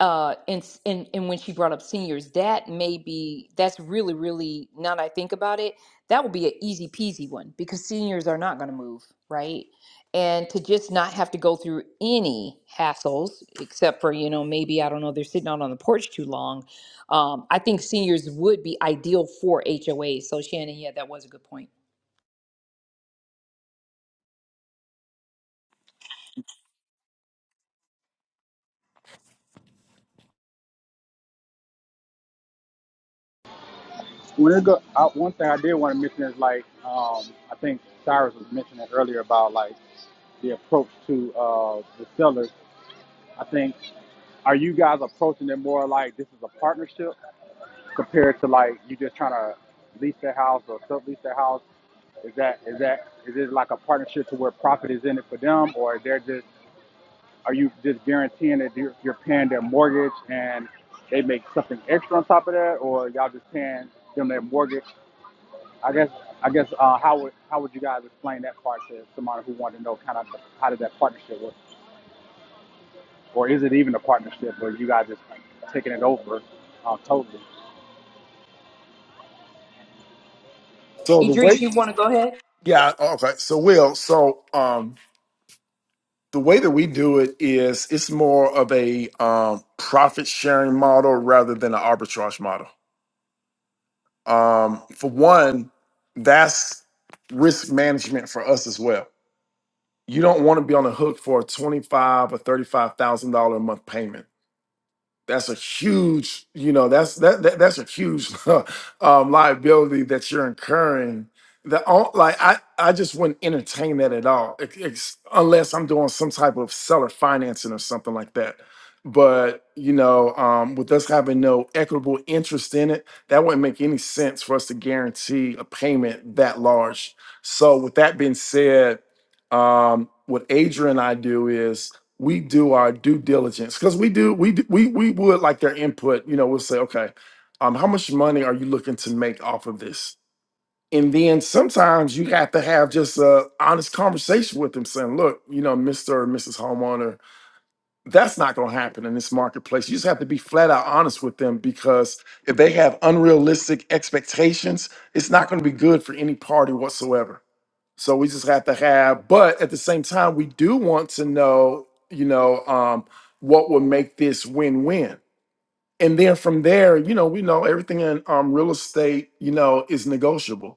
Uh, and, and and when she brought up seniors, that may be that's really really now that I think about it, that would be an easy peasy one because seniors are not going to move, right? And to just not have to go through any hassles, except for you know maybe I don't know they're sitting out on the porch too long. Um, I think seniors would be ideal for HOA. So Shannon, yeah, that was a good point. When it go, I, one thing I did want to mention is like um, I think Cyrus was mentioning earlier about like the approach to uh, the sellers. I think are you guys approaching it more like this is a partnership compared to like you just trying to lease their house or sublease their house? Is that is that is it like a partnership to where profit is in it for them, or they're just are you just guaranteeing that you're, you're paying their mortgage and they make something extra on top of that, or y'all just paying them their mortgage I guess I guess uh, how would how would you guys explain that part to somebody who wanted to know kind of how did that partnership work, or is it even a partnership, or you guys just taking it over uh, totally? So the Idris, way, you want to go ahead? yeah, okay. So Will, so um, the way that we do it is it's more of a um, profit sharing model rather than an arbitrage model. Um, for one, that's risk management for us as well. You don't want to be on the hook for a twenty five or thirty five thousand dollar a month payment that's a huge you know that's that, that that's a huge um, liability that you're incurring the on- like i i just wouldn't entertain that at all ex- ex- unless i'm doing some type of seller financing or something like that but you know um, with us having no equitable interest in it that wouldn't make any sense for us to guarantee a payment that large so with that being said um, what adrian and i do is we do our due diligence because we do we do, we we would like their input. You know, we'll say, okay, um, how much money are you looking to make off of this? And then sometimes you have to have just a honest conversation with them, saying, look, you know, Mister or Mrs. Homeowner, that's not going to happen in this marketplace. You just have to be flat out honest with them because if they have unrealistic expectations, it's not going to be good for any party whatsoever. So we just have to have, but at the same time, we do want to know, you know, um, what would make this win-win. And then from there, you know, we know everything in um, real estate, you know, is negotiable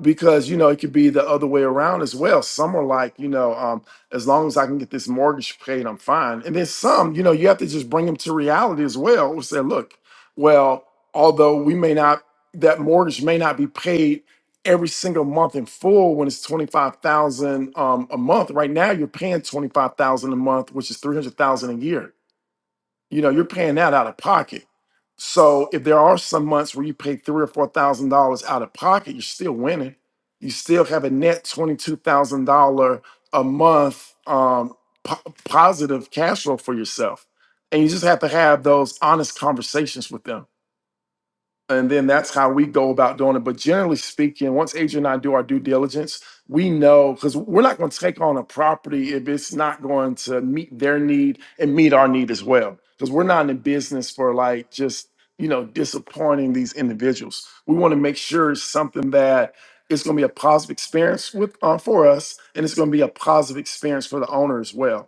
because you know it could be the other way around as well some are like you know um, as long as i can get this mortgage paid i'm fine and then some you know you have to just bring them to reality as well and say look well although we may not that mortgage may not be paid every single month in full when it's 25000 um, a month right now you're paying 25000 a month which is 300000 a year you know you're paying that out of pocket so if there are some months where you pay three or four thousand dollars out of pocket you're still winning you still have a net $22000 a month um, po- positive cash flow for yourself and you just have to have those honest conversations with them and then that's how we go about doing it. But generally speaking, once Adrian and I do our due diligence, we know because we're not going to take on a property if it's not going to meet their need and meet our need as well. Because we're not in the business for like just you know disappointing these individuals. We want to make sure it's something that it's going to be a positive experience with uh, for us, and it's going to be a positive experience for the owner as well.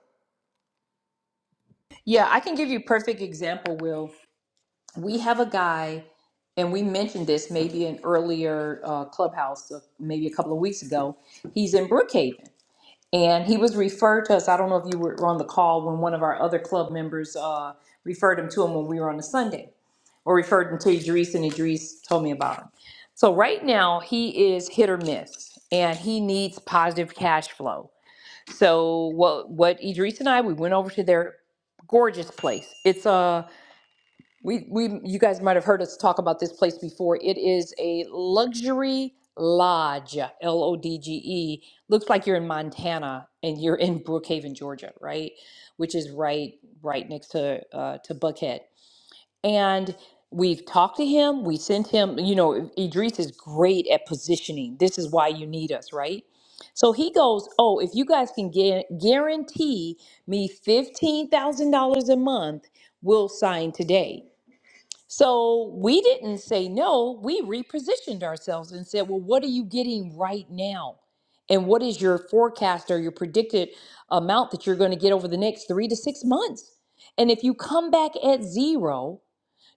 Yeah, I can give you a perfect example, Will. we have a guy, and we mentioned this maybe in earlier uh, clubhouse, uh, maybe a couple of weeks ago. He's in Brookhaven, and he was referred to us. I don't know if you were on the call when one of our other club members uh, referred him to him when we were on a Sunday, or referred him to Idris, and Idris told me about him. So right now he is hit or miss, and he needs positive cash flow. So what what Idris and I we went over to their gorgeous place. It's a we, we, you guys might have heard us talk about this place before. It is a luxury lodge, L O D G E. Looks like you're in Montana and you're in Brookhaven, Georgia, right? Which is right, right next to, uh, to Buckhead. And we've talked to him. We sent him. You know, Idris is great at positioning. This is why you need us, right? So he goes, oh, if you guys can get, guarantee me fifteen thousand dollars a month, we'll sign today. So we didn't say no, we repositioned ourselves and said, well, what are you getting right now? And what is your forecast or your predicted amount that you're going to get over the next three to six months? And if you come back at zero,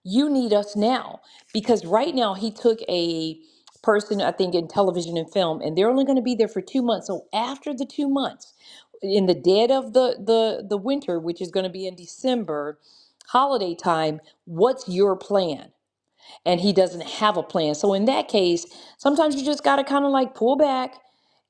you need us now because right now he took a person i think in television and film and they're only going to be there for two months so after the two months in the dead of the the the winter which is going to be in december holiday time what's your plan and he doesn't have a plan so in that case sometimes you just got to kind of like pull back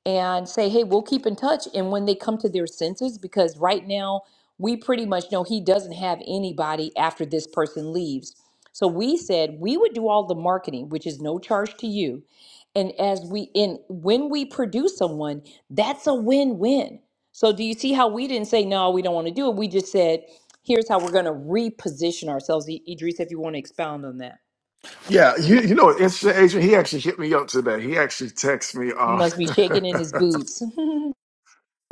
and say, hey, we'll keep in touch. And when they come to their senses, because right now we pretty much know he doesn't have anybody after this person leaves. So we said we would do all the marketing, which is no charge to you. And as we in when we produce someone, that's a win-win. So do you see how we didn't say no, we don't want to do it? We just said, here's how we're going to reposition ourselves. I- Idris, if you want to expound on that. Yeah, you you know, interesting Adrian. He actually hit me up today. He actually texted me. He must be Um, shaking in his boots.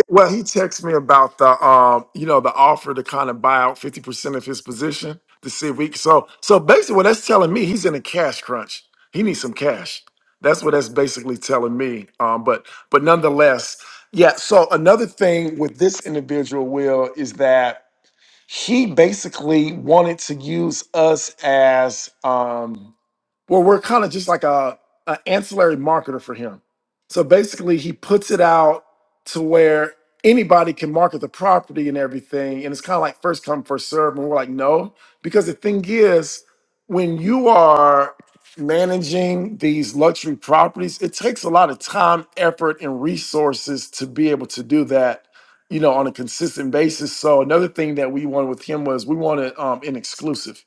Well, he texted me about the um, you know, the offer to kind of buy out fifty percent of his position to see if we. So, so basically, what that's telling me, he's in a cash crunch. He needs some cash. That's what that's basically telling me. Um, but but nonetheless, yeah. So another thing with this individual, Will, is that he basically wanted to use us as um well, we're kind of just like a, a ancillary marketer for him. So basically, he puts it out to where anybody can market the property and everything, and it's kind of like first come first serve. And we're like, no, because the thing is, when you are managing these luxury properties, it takes a lot of time, effort, and resources to be able to do that. You know, on a consistent basis. So another thing that we wanted with him was we wanted um, an exclusive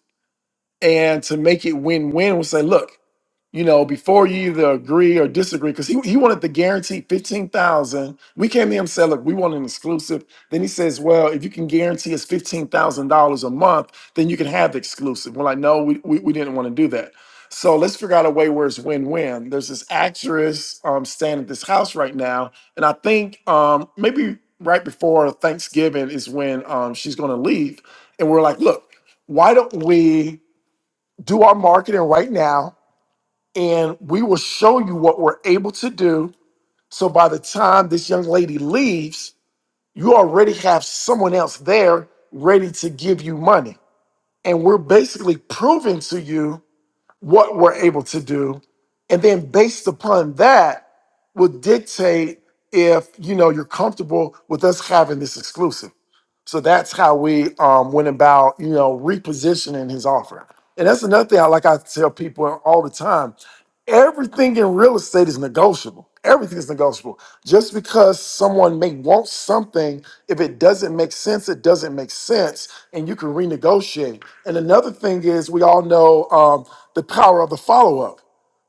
and to make it win-win, we'll say, look, you know, before you either agree or disagree, because he, he wanted the guaranteed 15,000. We came to him and said, look, we want an exclusive. Then he says, well, if you can guarantee us $15,000 a month, then you can have the exclusive. We're like, no, we, we, we didn't want to do that. So let's figure out a way where it's win-win. There's this actress um, staying at this house right now. And I think um, maybe right before Thanksgiving is when um, she's going to leave. And we're like, look, why don't we do our marketing right now? and we will show you what we're able to do. So by the time this young lady leaves, you already have someone else there ready to give you money. And we're basically proving to you what we're able to do. And then based upon that will dictate if you know you're comfortable with us having this exclusive. So that's how we um, went about, you know, repositioning his offer. And that's another thing I like I tell people all the time. Everything in real estate is negotiable. Everything is negotiable. Just because someone may want something, if it doesn't make sense, it doesn't make sense, and you can renegotiate. And another thing is, we all know um, the power of the follow up.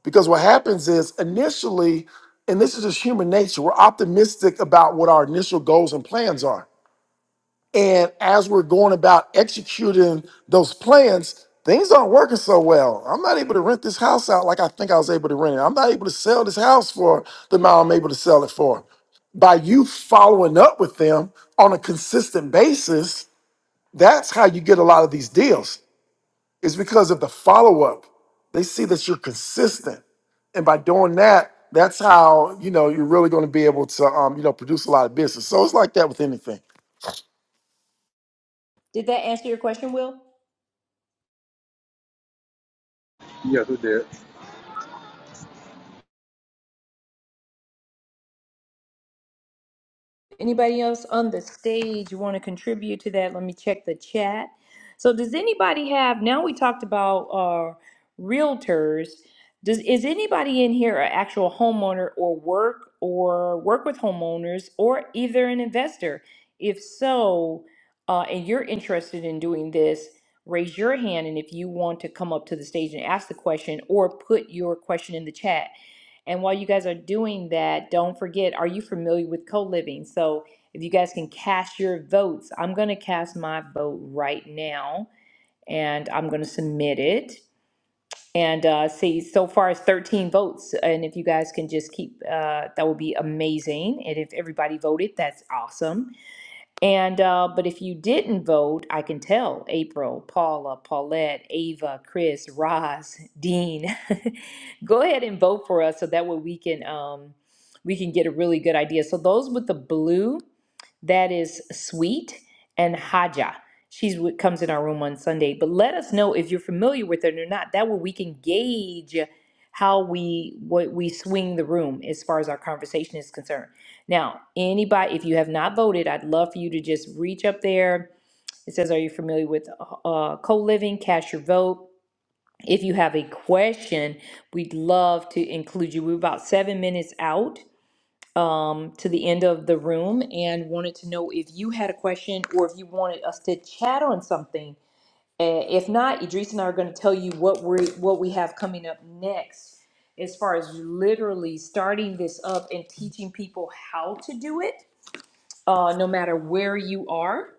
Because what happens is initially, and this is just human nature, we're optimistic about what our initial goals and plans are. And as we're going about executing those plans, things aren't working so well. I'm not able to rent this house out like I think I was able to rent it. I'm not able to sell this house for the amount I'm able to sell it for. By you following up with them on a consistent basis, that's how you get a lot of these deals, It's because of the follow up. They see that you're consistent. And by doing that, that's how you know you're really going to be able to um, you know produce a lot of business. So it's like that with anything. Did that answer your question, Will? Yes, it did. Anybody else on the stage want to contribute to that? Let me check the chat. So, does anybody have? Now we talked about uh, realtors. Does is anybody in here an actual homeowner or work or work with homeowners or either an investor? If so, uh, and you're interested in doing this, raise your hand. And if you want to come up to the stage and ask the question or put your question in the chat and while you guys are doing that, don't forget, are you familiar with co-living? So if you guys can cast your votes, I'm going to cast my vote right now and I'm going to submit it. And uh, see, so far it's 13 votes. And if you guys can just keep, uh, that would be amazing. And if everybody voted, that's awesome. And uh, but if you didn't vote, I can tell April, Paula, Paulette, Ava, Chris, Roz, Dean, go ahead and vote for us so that way we can um, we can get a really good idea. So those with the blue. That is Sweet and Haja. She comes in our room on Sunday. But let us know if you're familiar with it or not. That way we can gauge how we what we swing the room as far as our conversation is concerned. Now, anybody, if you have not voted, I'd love for you to just reach up there. It says, "Are you familiar with uh, co-living?" Cast your vote. If you have a question, we'd love to include you. We're about seven minutes out um, to the end of the room and wanted to know if you had a question or if you wanted us to chat on something. Uh, if not, Idris and I are going to tell you what we what we have coming up next, as far as literally starting this up and teaching people how to do it, uh, no matter where you are,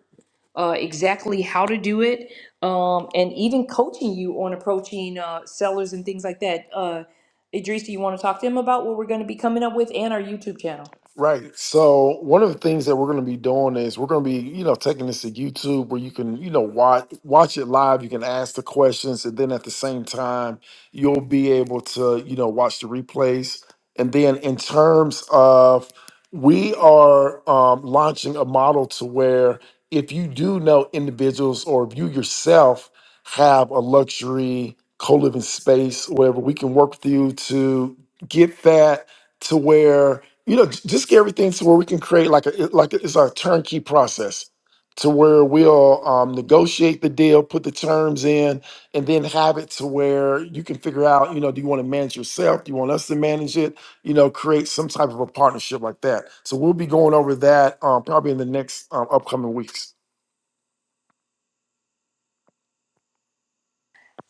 uh, exactly how to do it, um, and even coaching you on approaching uh, sellers and things like that. Uh, Idris, do you want to talk to him about what we're going to be coming up with and our YouTube channel? Right. So one of the things that we're going to be doing is we're going to be, you know, taking this to YouTube where you can, you know, watch watch it live. You can ask the questions, and then at the same time, you'll be able to, you know, watch the replays. And then in terms of, we are um, launching a model to where if you do know individuals or if you yourself have a luxury co living space, whatever, we can work with you to get that to where you know, j- just get everything to where we can create like a it- like a- it's our turnkey process to where we'll um, negotiate the deal, put the terms in, and then have it to where you can figure out, you know, do you want to manage yourself? Do you want us to manage it? You know, create some type of a partnership like that. So we'll be going over that um, probably in the next um, upcoming weeks.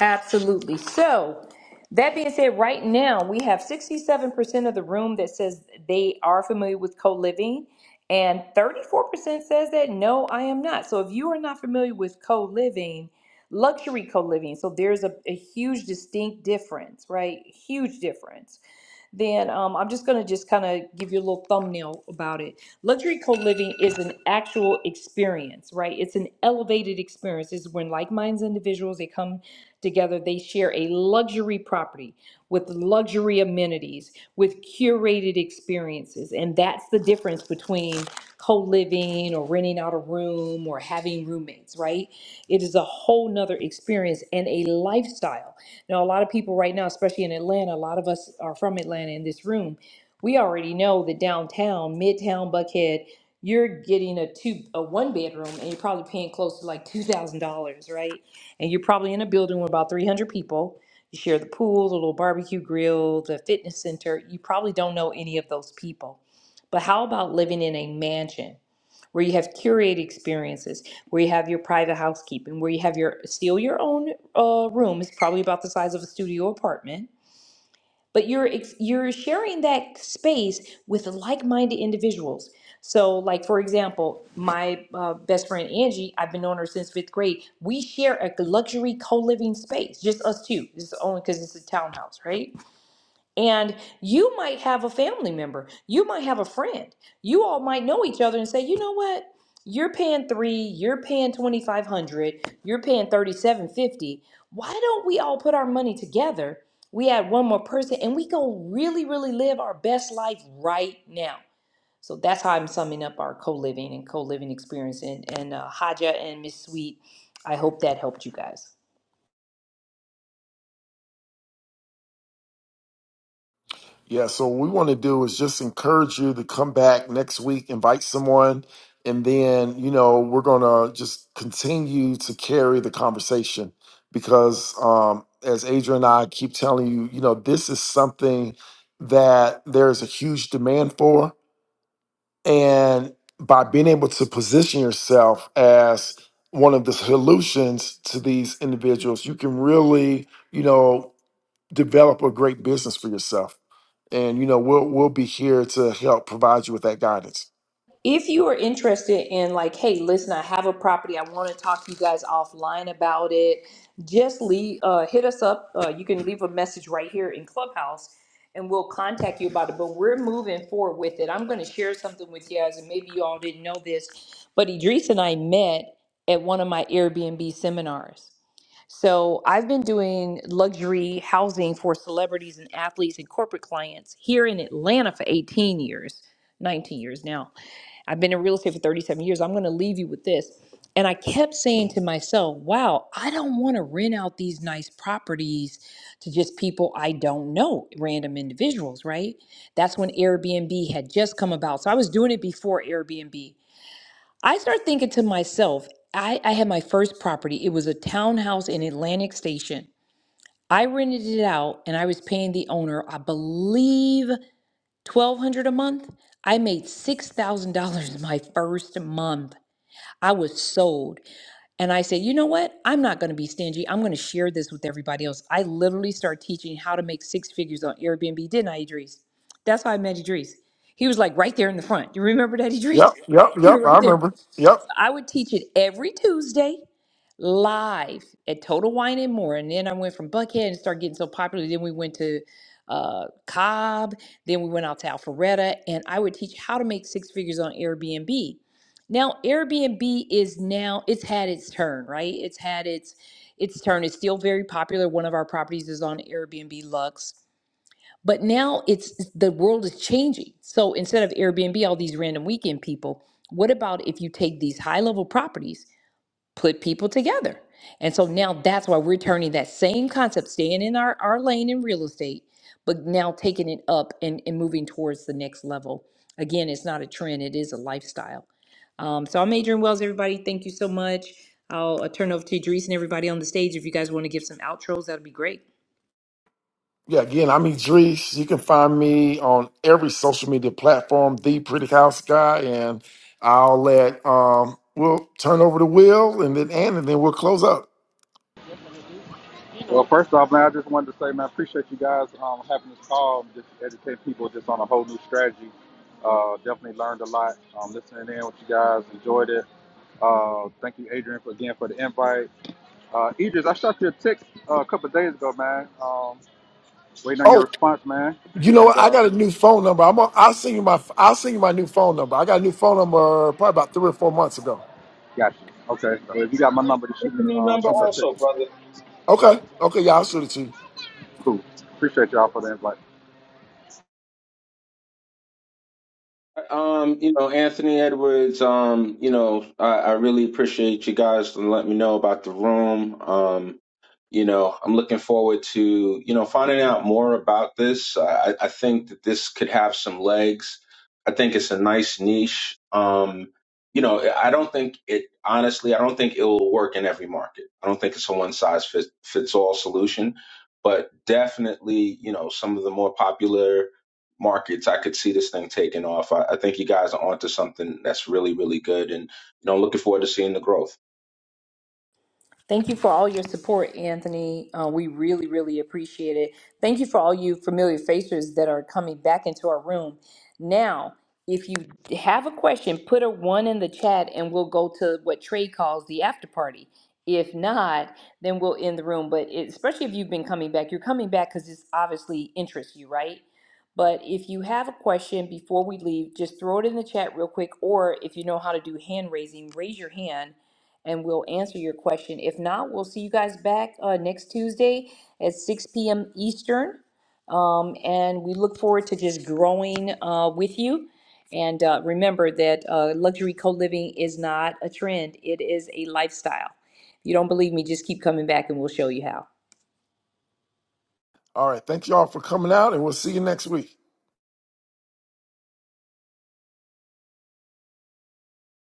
Absolutely. So, that being said, right now we have 67% of the room that says they are familiar with co living, and 34% says that no, I am not. So, if you are not familiar with co living, luxury co living, so there's a, a huge distinct difference, right? Huge difference then um, I'm just going to just kind of give you a little thumbnail about it. Luxury co living is an actual experience, right? It's an elevated experience. It's when like minded individuals they come together, they share a luxury property with luxury amenities, with curated experiences, and that's the difference between co living or renting out a room or having roommates, right? It is a whole nother experience and a lifestyle. Now, a lot of people right now, especially in Atlanta, a lot of us are from Atlanta in this room. We already know that downtown, midtown, Buckhead, you're getting a two, a one bedroom, and you're probably paying close to like two thousand dollars, right? And you're probably in a building with about three hundred people. You share the pool, the little barbecue grill, the fitness center. You probably don't know any of those people. But how about living in a mansion? where you have curated experiences, where you have your private housekeeping, where you have your steal your own uh, room. It's probably about the size of a studio apartment, but you're ex- you're sharing that space with like-minded individuals. So, like for example, my uh, best friend Angie, I've been knowing her since fifth grade. We share a luxury co-living space, just us two. This is only because it's a townhouse, right? And you might have a family member, you might have a friend. You all might know each other and say, you know what? You're paying three, you're paying twenty five hundred, you're paying thirty seven fifty. Why don't we all put our money together? We add one more person and we go really, really live our best life right now. So that's how I'm summing up our co-living and co-living experience and, and uh, Haja and Miss Sweet. I hope that helped you guys. Yeah, so what we want to do is just encourage you to come back next week, invite someone, and then, you know, we're going to just continue to carry the conversation because, um, as Adrian and I keep telling you, you know, this is something that there's a huge demand for. And by being able to position yourself as one of the solutions to these individuals, you can really, you know, develop a great business for yourself and you know we'll we'll be here to help provide you with that guidance. if you are interested in like hey listen i have a property i want to talk to you guys offline about it just leave uh, hit us up uh, you can leave a message right here in clubhouse and we'll contact you about it but we're moving forward with it i'm going to share something with you guys and maybe you all didn't know this but idris and i met at one of my airbnb seminars so I've been doing luxury housing for celebrities and athletes and corporate clients here in Atlanta for 18 years, 19 years now. I've been in real estate for 37 years. I'm going to leave you with this. And I kept saying to myself, wow, I don't want to rent out these nice properties to just people I don't know, random individuals, right? That's when Airbnb had just come about. So I was doing it before Airbnb. I started thinking to myself, I, I had my first property. It was a townhouse in Atlantic Station. I rented it out and I was paying the owner, I believe 1200 a month i made $6000 my first month i was sold and i said you know what i'm not going to be stingy i'm going to share this with everybody else i literally started teaching how to make six figures on airbnb didn't i idris that's how i met idris he was like right there in the front you remember that idris Yep, yep, you yep. were I right there remember. Yep, i would teach it every tuesday live at Total Wine and More. And then I went from Buckhead and started getting so popular. Then we went to uh, Cobb. Then we went out to Alpharetta, and I would teach how to make six figures on Airbnb. Now Airbnb is now it's had its turn, right? It's had its its turn. It's still very popular. One of our properties is on Airbnb Lux. But now it's the world is changing. So instead of Airbnb, all these random weekend people, what about if you take these high level properties put people together. And so now that's why we're turning that same concept, staying in our, our lane in real estate, but now taking it up and, and moving towards the next level. Again, it's not a trend, it is a lifestyle. Um, so I'm Adrian Wells, everybody. Thank you so much. I'll, uh turn over to Idris and everybody on the stage. If you guys want to give some outros, that'd be great. yeah. Again, I'm Idris. You can find me on every social media platform, the Pretty House Guy, and I'll let um we'll turn over the wheel and then and, and then we'll close up. Well, first off, man, I just wanted to say, man, I appreciate you guys um, having this call, just educate people just on a whole new strategy. Uh, definitely learned a lot. Um, listening in with you guys, enjoyed it. Uh, thank you, Adrian, for, again for the invite. Uh, Idris, I shot you a text uh, a couple of days ago, man. Um, Waiting on Oh, your response, man. you know And what? I uh, got a new phone number. I'm. i I'll send you my. I'll send you my new phone number. I got a new phone number probably about three or four months ago. got Okay. Well, if you got my Great. number, just shoot me, New uh, number shoot me a Okay. text. also, brother. Okay. Okay. Yeah, I'll shoot it to you. Cool. Appreciate y'all for the invite. Um, you know, Anthony Edwards. Um, you know, I, I really appreciate you guys to let me know about the room. Um, you know, I'm looking forward to, you know, finding out more about this. I, I think that this could have some legs. I think it's a nice niche. Um, you know, I don't think it, honestly, I don't think it will work in every market. I don't think it's a one size fits, fits all solution, but definitely, you know, some of the more popular markets, I could see this thing taking off. I, I think you guys are onto something that's really, really good. And, you know, I'm looking forward to seeing the growth. Thank you for all your support, Anthony. Uh, we really, really appreciate it. Thank you for all you familiar faces that are coming back into our room. Now, if you have a question, put a one in the chat and we'll go to what Trey calls the after party. If not, then we'll end the room. But it, especially if you've been coming back, you're coming back because this obviously interests you, right? But if you have a question before we leave, just throw it in the chat real quick. Or if you know how to do hand raising, raise your hand and we'll answer your question. If not, we'll see you guys back uh, next Tuesday at 6 p.m. Eastern. Um, and we look forward to just growing uh, with you. And uh, remember that uh, luxury co living is not a trend, it is a lifestyle. If you don't believe me, just keep coming back and we'll show you how. All right. Thank y'all for coming out, and we'll see you next week.